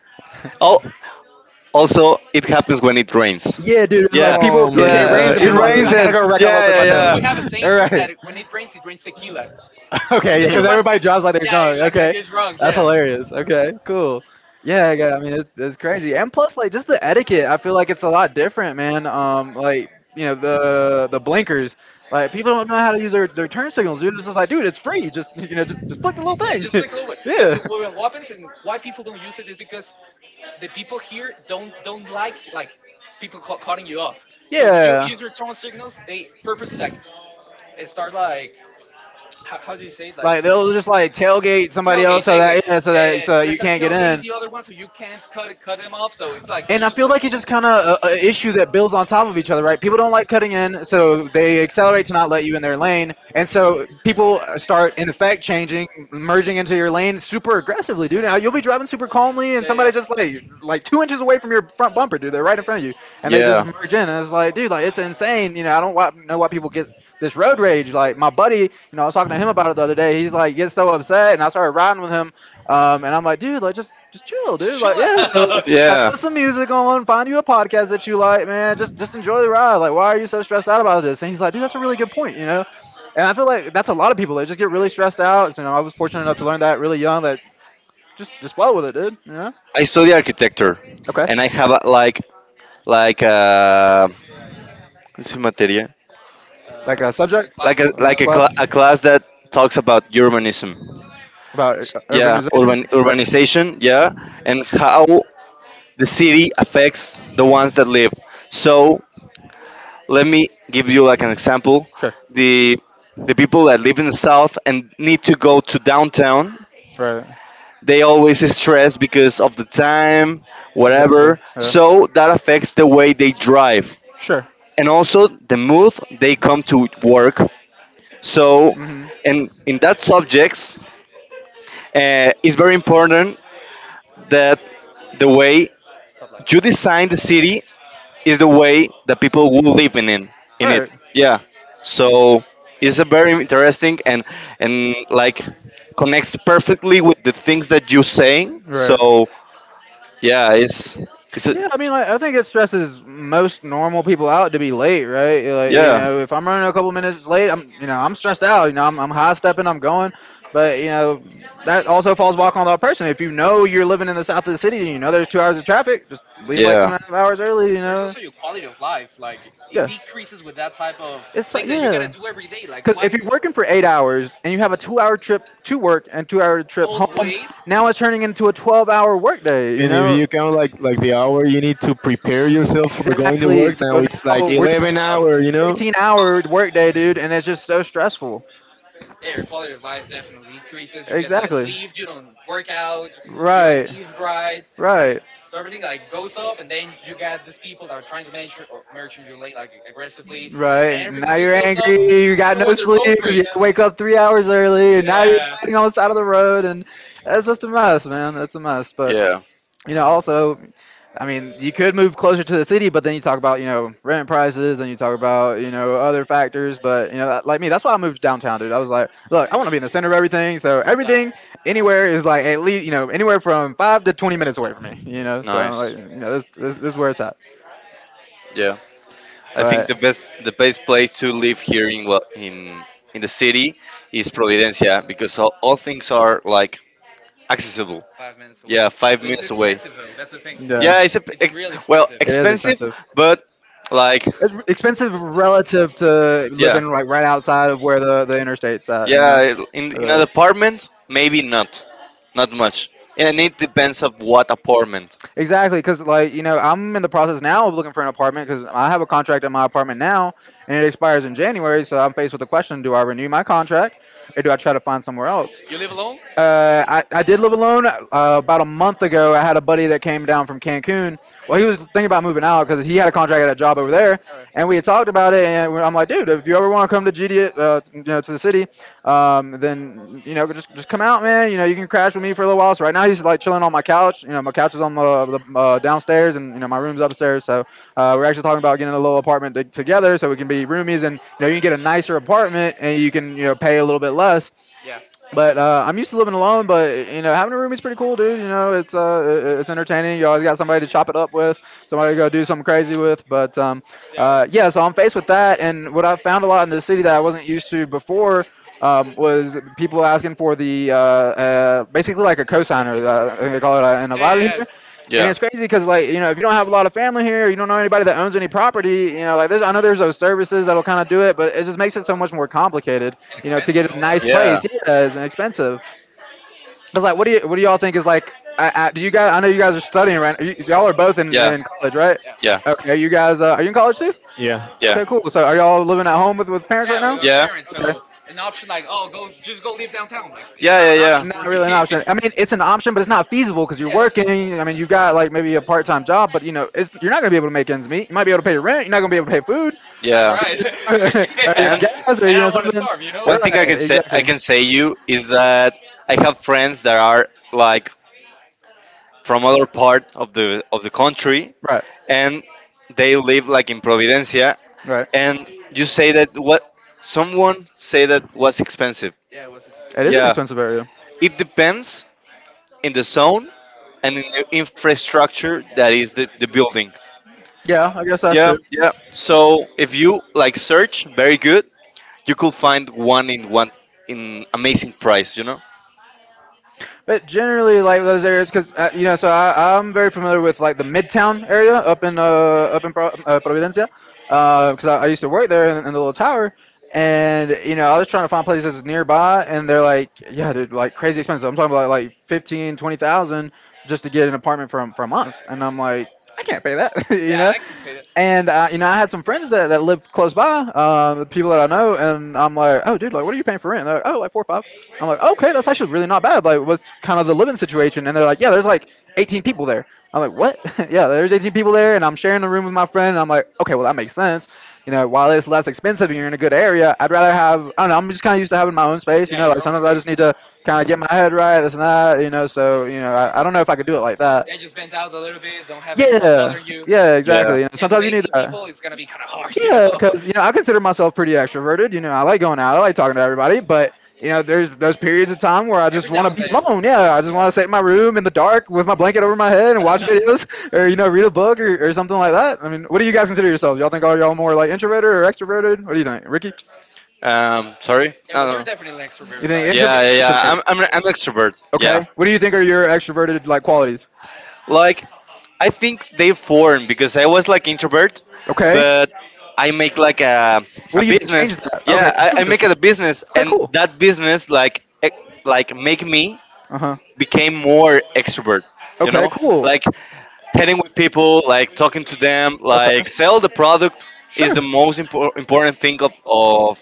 Speaker 4: All, Also, it happens when it rains.
Speaker 1: Yeah,
Speaker 2: Yeah, dude. It's
Speaker 4: Yeah,
Speaker 2: like people.
Speaker 3: Oh
Speaker 2: It
Speaker 3: man,
Speaker 2: rains
Speaker 4: uh,
Speaker 2: and
Speaker 3: that's
Speaker 4: it
Speaker 2: people are like, dude,
Speaker 4: rains
Speaker 3: another.
Speaker 2: I gotta
Speaker 4: and
Speaker 2: go wreck on
Speaker 1: yeah.
Speaker 2: Lopez
Speaker 4: yeah,
Speaker 1: We, we
Speaker 2: Mateos.
Speaker 4: yeah,
Speaker 1: have a saying
Speaker 2: All
Speaker 1: here that
Speaker 2: right.
Speaker 1: when it rains, it rains tequila because
Speaker 2: Okay, yeah,
Speaker 4: yeah.
Speaker 2: because
Speaker 1: everyone,
Speaker 2: everybody drives like
Speaker 1: yeah,
Speaker 2: they're drunk.
Speaker 1: that
Speaker 2: Okay,
Speaker 1: gets wrong, yeah.
Speaker 2: that's hilarious. Okay, cool. Yeah, yeah, I mean it's, it's crazy, and plus, like, just the etiquette, I feel like it's a lot different, man. Um, like, you know, the the blinkers, like, people don't know how to use their, their turn signals, dude. It's just like, dude, it's free. Just, you know, just just flick the little
Speaker 1: Yeah, just like
Speaker 2: thing.
Speaker 1: a little bit. But, but
Speaker 2: Yeah.
Speaker 1: what happens and why people don't use it is because the people here don't don't like like people ca- cutting you off. So when you
Speaker 2: Yeah.
Speaker 1: use your tone signals, they purposely like eh, start like how, how do you say it, like
Speaker 2: Like they'll just like tailgate somebody
Speaker 1: tailgate, tailgate.
Speaker 2: else so
Speaker 1: Yeah,
Speaker 2: that, yeah, so
Speaker 1: yeah. Yeah.
Speaker 2: that so
Speaker 1: They're
Speaker 2: that you
Speaker 1: start
Speaker 2: can't get
Speaker 1: tailgating the
Speaker 2: in.
Speaker 1: other one, so you can't cut cut them off. So it's like
Speaker 2: And I
Speaker 1: useless.
Speaker 2: feel like it's just
Speaker 1: Yeah,
Speaker 2: kind of an issue that builds on top of each other, right? People don't like cutting in, so they accelerate to not let you in their lane, and so people start in effect changing, merging into your lane super aggressively, dude. Now you'll be driving super calmly, and
Speaker 1: yeah.
Speaker 2: somebody just like like two inches away from your front bumper, dude. They're right in front of you and they just
Speaker 4: Yeah,
Speaker 2: merge in. And it's like, dude, like it's insane. You know, I don't wa- know why people get this road rage. Like my buddy, you know, I was talking to him about it the other day. He's like, gets so upset, and I started riding with him. Um, and I'm like, dude, like just just chill,
Speaker 1: Just
Speaker 2: dude.
Speaker 1: chill
Speaker 2: Like, yeah, like.
Speaker 1: out.
Speaker 2: Yeah.
Speaker 4: yeah.
Speaker 2: Put some music on, find you a podcast that you like, man. Just just enjoy the ride. Like why are you so stressed out about this? And he's like, dude, that's a really good point. You know. And I feel like that's a lot of people. They just get really stressed out. So, you know, I was fortunate enough to learn that really young. That just just flow with it, dude. You know.
Speaker 4: I study architecture,
Speaker 2: Okay.
Speaker 4: and I have a, like like uh, what's it materia?
Speaker 1: Um,
Speaker 2: Like a
Speaker 1: the
Speaker 2: subject
Speaker 1: class.
Speaker 4: Like a
Speaker 1: You have
Speaker 2: or
Speaker 1: a
Speaker 4: like a,
Speaker 1: class.
Speaker 4: cl-
Speaker 2: class
Speaker 4: a class that talks about urbanism.
Speaker 2: about ur-
Speaker 4: S- Yeah,
Speaker 2: urbanization?
Speaker 4: urban
Speaker 2: Uh,
Speaker 4: urbanization. Yeah, and how the city affects the ones that live. So let me give you like an example,
Speaker 2: Sure.
Speaker 4: the the people that live in the south and need to go to downtown,
Speaker 2: Right.
Speaker 4: they always stress because of the time
Speaker 2: Exactly.
Speaker 4: whatever,
Speaker 2: Yeah.
Speaker 4: so that affects the way they drive
Speaker 2: Sure.
Speaker 4: and also the mood they come to work. So
Speaker 2: Mhm.
Speaker 4: and in that subjects, uh, it's very important that the way
Speaker 1: Stuff like.
Speaker 4: you design the city is the way that people will live in it, in it.
Speaker 2: Right.
Speaker 4: Yeah. So it's a very interesting and and like connects perfectly with the things that you're saying.
Speaker 2: Right. Right.
Speaker 4: So yeah, it's it's a,
Speaker 2: Yeah, I mean, like, I think it stresses most normal people out to be late, right? You're Like, you
Speaker 4: yeah,
Speaker 2: know, if I'm running a couple minutes late, I'm, you know, I'm stressed out. You know, I'm, I'm high stepping, I'm going, but, you know, that also falls back on that person. If you know you're living in the south of the city and you know there's two hours of traffic, just leave like two
Speaker 4: yeah,
Speaker 2: and a half hours early. You
Speaker 1: There's also
Speaker 2: know,
Speaker 1: your quality of life. Like it
Speaker 2: yeah,
Speaker 1: decreases with that type of
Speaker 2: it's
Speaker 1: thing that
Speaker 2: like,
Speaker 1: you gotta
Speaker 2: yeah,
Speaker 1: do every day. Like
Speaker 2: because
Speaker 1: why?
Speaker 2: if you're working for eight hours and you have a two-hour trip to work and two-hour trip
Speaker 1: Both
Speaker 2: home,
Speaker 1: ways,
Speaker 2: now it's turning into a twelve-hour workday. You
Speaker 3: And if you
Speaker 2: know,
Speaker 3: count, like like the hour you need to prepare yourself for going to
Speaker 2: exactly.
Speaker 3: work,
Speaker 2: So
Speaker 3: now it's
Speaker 2: now
Speaker 3: like
Speaker 2: we're talking
Speaker 3: eleven
Speaker 2: about
Speaker 3: hour, you know.
Speaker 2: thirteen hour workday, dude, and it's just so stressful.
Speaker 1: yeah, your quality of life definitely decreases. You get less
Speaker 2: Exactly.
Speaker 1: sleep, you don't work out, you don't
Speaker 2: Right.
Speaker 1: eat right.
Speaker 2: Right.
Speaker 1: So everything like goes up, and then you got these people that are trying to merge your- merge in your lane like aggressively, and
Speaker 2: Right. and
Speaker 1: everything
Speaker 2: now
Speaker 1: just
Speaker 2: you're
Speaker 1: builds up
Speaker 2: angry. You got
Speaker 1: towards the
Speaker 2: no sleep
Speaker 1: road rage.
Speaker 2: because you have to wake up three hours early, and now you're
Speaker 1: Yeah.
Speaker 2: sitting on the side of the road, and it's just a mess, man. It's a mess. But,
Speaker 4: yeah,
Speaker 2: you know, also, I mean, you could move closer to the city, but then you talk about, you know, rent prices and you talk about, you know, other factors. But, you know, like me, that's why I moved downtown, dude. I was like, look, I want to be in the center of everything. So
Speaker 1: Uh,
Speaker 2: everything anywhere is like at least, you know, anywhere from five to twenty minutes away from me, you know. So I'm
Speaker 4: nice,
Speaker 2: like, you know, this, this, this is where it's at.
Speaker 4: yeah. I think
Speaker 2: But
Speaker 4: the best the best place to live here in Gua- in in the city is Providencia because all, all things are like accessible.
Speaker 1: five minutes away.
Speaker 4: Yeah, five
Speaker 1: This is
Speaker 4: minutes away.
Speaker 1: expensive though. That's the thing. Yeah, It's
Speaker 4: Yeah,
Speaker 2: yeah,
Speaker 4: it's a
Speaker 1: it's real expensive.
Speaker 4: well
Speaker 2: it is
Speaker 4: expensive.
Speaker 2: expensive.
Speaker 4: But like
Speaker 2: It's r- expensive relative to
Speaker 4: yeah,
Speaker 2: living like right outside of where the the interstate's at. You know.
Speaker 4: yeah. In in an
Speaker 2: Uh,
Speaker 4: apartment, maybe not, not much, and it depends of what apartment.
Speaker 2: Exactly, because, like, you know, I'm in the process now of looking for an apartment because I have a contract in my apartment now, and it expires in January. So I'm faced with the question: do I renew my contract, or do I try to find somewhere
Speaker 1: You
Speaker 2: else?
Speaker 1: live alone?
Speaker 2: Uh, I, I did live alone. Uh, about a month ago, I had a buddy that came down from Cancun. Well, he was thinking about moving out because he had a contract at a job over there,
Speaker 1: Alright.
Speaker 2: and we- had talked about it. And we- I'm like, dude, if you ever want to come to G D, uh, you know, to the city, um, then you know, just just come out, man. You know, you can crash with me for a little while. So right now, he's like chilling on my couch. You know, my couch is on the, the uh, downstairs, and you know, my room's upstairs. So uh, we're actually talking about getting a little apartment to, together so we can be roomies, and, you know, you can get a nicer apartment and you can, you know, pay a little bit less.
Speaker 1: Yeah.
Speaker 2: But uh, I'm used to living alone. But, you know, having a roomie's pretty cool, dude. You know, it's uh, it- it's entertaining. You always got somebody to chop it up with, somebody to go do something crazy with. But um,
Speaker 1: Yeah. Alright.
Speaker 2: uh, yeah, so I'm faced with that. And what I've found a lot in the city that I wasn't used to before, um, was people asking for the uh, uh, basically like a cosigner. Uh, I think they call it uh,
Speaker 1: Yeah,
Speaker 2: an
Speaker 1: yeah,
Speaker 2: aval
Speaker 1: yeah.
Speaker 2: here. And
Speaker 4: Yeah,
Speaker 2: it's crazy because, like, you know, if you don't have a lot of family here, you don't know anybody that owns any property, you know, like, there's, I know there's those services that'll kind of do it, but it just makes it so much more complicated,
Speaker 1: and
Speaker 2: you know, to
Speaker 1: expensive
Speaker 2: get a
Speaker 1: also.
Speaker 2: nice
Speaker 4: yeah,
Speaker 2: place. Yeah, it's expensive. It's like, what do you, what do y'all think is like, I, I, do you guys, I know you guys are studying right now. you, Y'all are both in,
Speaker 4: yeah,
Speaker 2: in college,
Speaker 1: Yeah,
Speaker 2: right?
Speaker 4: yeah,
Speaker 2: Okay, are you guys, uh, are you in college too?
Speaker 3: Yeah.
Speaker 4: yeah, yeah,
Speaker 2: Okay, cool.
Speaker 4: with
Speaker 2: So are y'all living at home with, with
Speaker 1: yeah,
Speaker 2: parents right
Speaker 1: with our
Speaker 2: now?
Speaker 4: yeah,
Speaker 1: parents. So
Speaker 2: Okay,
Speaker 1: an option like, oh, go just go live downtown. Like it's not
Speaker 4: yeah,
Speaker 1: an
Speaker 4: not
Speaker 1: option
Speaker 2: not
Speaker 1: for me.
Speaker 2: really
Speaker 4: yeah, an
Speaker 2: an
Speaker 4: yeah.
Speaker 2: option. I
Speaker 1: Yeah,
Speaker 2: mean, it's an option, but it's not feasible because
Speaker 1: it's
Speaker 2: you're
Speaker 1: not.
Speaker 2: working. I mean, you've got like maybe a part-time job, but you know, it's, you're not gonna be able to make ends meet. You might be able to pay your rent. You're not gonna be able to pay food,
Speaker 1: That's right.
Speaker 4: That's yeah.
Speaker 2: or
Speaker 1: Yeah,
Speaker 2: your
Speaker 4: And
Speaker 1: and I
Speaker 2: gas, or
Speaker 1: don't
Speaker 2: you
Speaker 1: want
Speaker 2: know
Speaker 1: to starve,
Speaker 2: something.
Speaker 1: you
Speaker 4: And
Speaker 1: know.
Speaker 4: one
Speaker 2: Right,
Speaker 4: thing I can say I
Speaker 2: exactly.
Speaker 4: can say you is that I have friends that are like from other part of the of the country,
Speaker 2: Right,
Speaker 4: and they live like in Providencia.
Speaker 2: right.
Speaker 4: And you say that what someone say that was expensive.
Speaker 1: Yeah, it was. Ex-
Speaker 2: It is an
Speaker 4: Yeah,
Speaker 2: expensive area.
Speaker 4: it depends in the zone and in the infrastructure that is the, the building.
Speaker 2: Yeah, I guess that's
Speaker 4: Yeah,
Speaker 2: true.
Speaker 4: yeah. So if you like search very good, you could find one in one in amazing price. You know.
Speaker 2: But generally, like those areas, because uh, you know, so I, I'm very familiar with like the Midtown area up in uh, up in Pro, uh, Providencia, because I, I used to work there in, in the little tower, and you know, I was trying to find places nearby, and they're like, yeah, dude, like crazy expensive. I'm talking about like fifteen, twenty thousand just to get an apartment for for a month, and I'm like, I can't pay that,
Speaker 1: yeah,
Speaker 2: you
Speaker 1: I
Speaker 2: know.
Speaker 1: can pay that.
Speaker 2: And uh, You know, I had some friends that, that lived close by, um, the people that I know, and I'm like, oh, dude, like, what are you paying for rent? And they're like, oh, like four or five. I'm like, okay, that's actually really not bad. Like, what's kind of the living situation? And they're like, yeah, there's like eighteen people there. I'm like, what? Yeah,
Speaker 1: Yeah.
Speaker 2: there's eighteen people there, and I'm sharing a room with my friend. And I'm like, okay, well, that makes sense. You know, while it's less expensive and you're in a good area, I'd rather have, I don't know, I'm just kind of used to having my own
Speaker 1: Yeah,
Speaker 2: space. You
Speaker 1: your
Speaker 2: know,
Speaker 1: own
Speaker 2: like sometimes
Speaker 1: space.
Speaker 2: I just need to kind of get my head right, this and that, you know. So you know, I, I don't know if I could do it like
Speaker 1: Yeah,
Speaker 2: that.
Speaker 1: just bent out a little bit. Don't have anyone bothering
Speaker 2: Yeah,
Speaker 1: you.
Speaker 2: yeah,
Speaker 4: Yeah.
Speaker 2: exactly. You
Speaker 1: Yeah,
Speaker 2: know,
Speaker 1: with
Speaker 2: sometimes you
Speaker 1: eighteen
Speaker 2: need
Speaker 1: people,
Speaker 2: that.
Speaker 1: it's gonna be kind of hard, you know.
Speaker 2: Yeah, because you know I consider myself pretty extroverted. You know, I like going out, I like talking to everybody, but you know, there's those periods of time where I
Speaker 1: Every
Speaker 2: just
Speaker 1: now and
Speaker 2: want
Speaker 1: then.
Speaker 2: to be alone. Yeah, I just
Speaker 1: Yeah.
Speaker 2: want to sit in my room in the dark with my blanket over my head and watch videos, or you know, read a book or, or something like that. I mean, what do you guys consider yourselves? Y'all think all y'all more like introverted or extroverted? What do you think, Ricky?
Speaker 4: Um. Sorry.
Speaker 1: Yeah, well, you're
Speaker 4: I don't know.
Speaker 1: definitely an extrovert.
Speaker 2: You
Speaker 1: Like,
Speaker 2: think introvert
Speaker 4: Yeah, yeah,
Speaker 2: or
Speaker 4: yeah.
Speaker 2: extrovert?
Speaker 4: I'm, I'm, an- I'm an extrovert. Yeah.
Speaker 2: Okay. What do you think are your extroverted like qualities?
Speaker 4: Like, I think they formed because I was like introvert,
Speaker 2: Okay.
Speaker 4: but I make like a,
Speaker 2: What
Speaker 4: a
Speaker 2: do you think changed
Speaker 4: business.
Speaker 2: that? Okay.
Speaker 4: Yeah,
Speaker 2: I
Speaker 4: I,
Speaker 2: make
Speaker 4: I make it a
Speaker 2: business.
Speaker 4: business,
Speaker 2: Okay.
Speaker 4: and
Speaker 2: Cool.
Speaker 4: that business like e- like make me
Speaker 2: Uh huh.
Speaker 4: became more extrovert. You
Speaker 2: Okay.
Speaker 4: know,
Speaker 2: Cool.
Speaker 4: like heading with people, like talking to them,
Speaker 2: Okay. Okay.
Speaker 4: like sell the product is
Speaker 2: Sure.
Speaker 4: the most impor- important thing of, of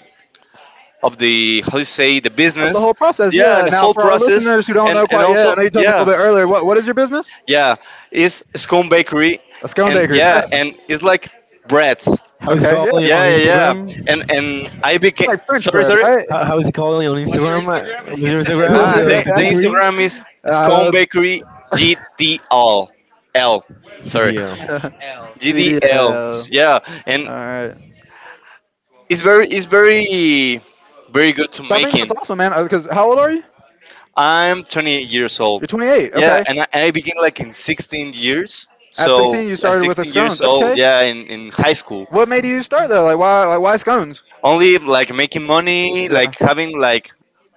Speaker 4: of
Speaker 2: Of
Speaker 4: the how you say the
Speaker 2: the
Speaker 4: business.
Speaker 2: whole process,
Speaker 4: Yeah,
Speaker 2: yeah.
Speaker 4: and the
Speaker 2: Now,
Speaker 4: whole
Speaker 2: for our
Speaker 4: process,
Speaker 2: listeners who don't
Speaker 4: and
Speaker 2: know
Speaker 4: and
Speaker 2: quite yet, I
Speaker 4: also
Speaker 2: know you told me a
Speaker 4: yeah.
Speaker 2: little bit earlier. What What is your business?
Speaker 4: Yeah, it's Scone Bakery,
Speaker 2: A scone
Speaker 4: and
Speaker 2: bakery.
Speaker 4: yeah,
Speaker 2: Yeah.
Speaker 4: and it's like breads.
Speaker 3: How is it
Speaker 2: Okay.
Speaker 3: called on on
Speaker 4: Yeah, yeah,
Speaker 2: Yeah.
Speaker 4: yeah.
Speaker 3: Instagram?
Speaker 4: And and I became
Speaker 2: Like French
Speaker 4: sorry,
Speaker 2: bread,
Speaker 4: sorry.
Speaker 2: right?
Speaker 3: How, how is it called on
Speaker 1: what's your
Speaker 3: Instagram?
Speaker 1: Instagram? He
Speaker 3: Uh, Was
Speaker 1: says.
Speaker 3: your Instagram of
Speaker 4: Ah,
Speaker 3: the, of
Speaker 4: the,
Speaker 3: the
Speaker 2: I
Speaker 4: the
Speaker 3: bakery?
Speaker 4: Instagram is Scone
Speaker 2: don't.
Speaker 4: Bakery G D L L, sorry,
Speaker 3: G D L.
Speaker 2: L.
Speaker 1: G D L.
Speaker 2: G D
Speaker 4: G D L.
Speaker 2: L.
Speaker 4: Yeah, and
Speaker 2: Right.
Speaker 4: it's very it's very very good to
Speaker 2: That's
Speaker 4: making.
Speaker 2: awesome, man. Because how old are you?
Speaker 4: I'm twenty years old.
Speaker 2: twenty-eight.
Speaker 4: Yeah, and I, and
Speaker 2: Yeah,
Speaker 4: I began like in sixteen years. So
Speaker 2: sixteen.
Speaker 4: at sixteen years old, yeah, in, in high school.
Speaker 2: What made you start though? Like why? Like why scones?
Speaker 4: Only like making money,
Speaker 2: Yeah.
Speaker 4: like having like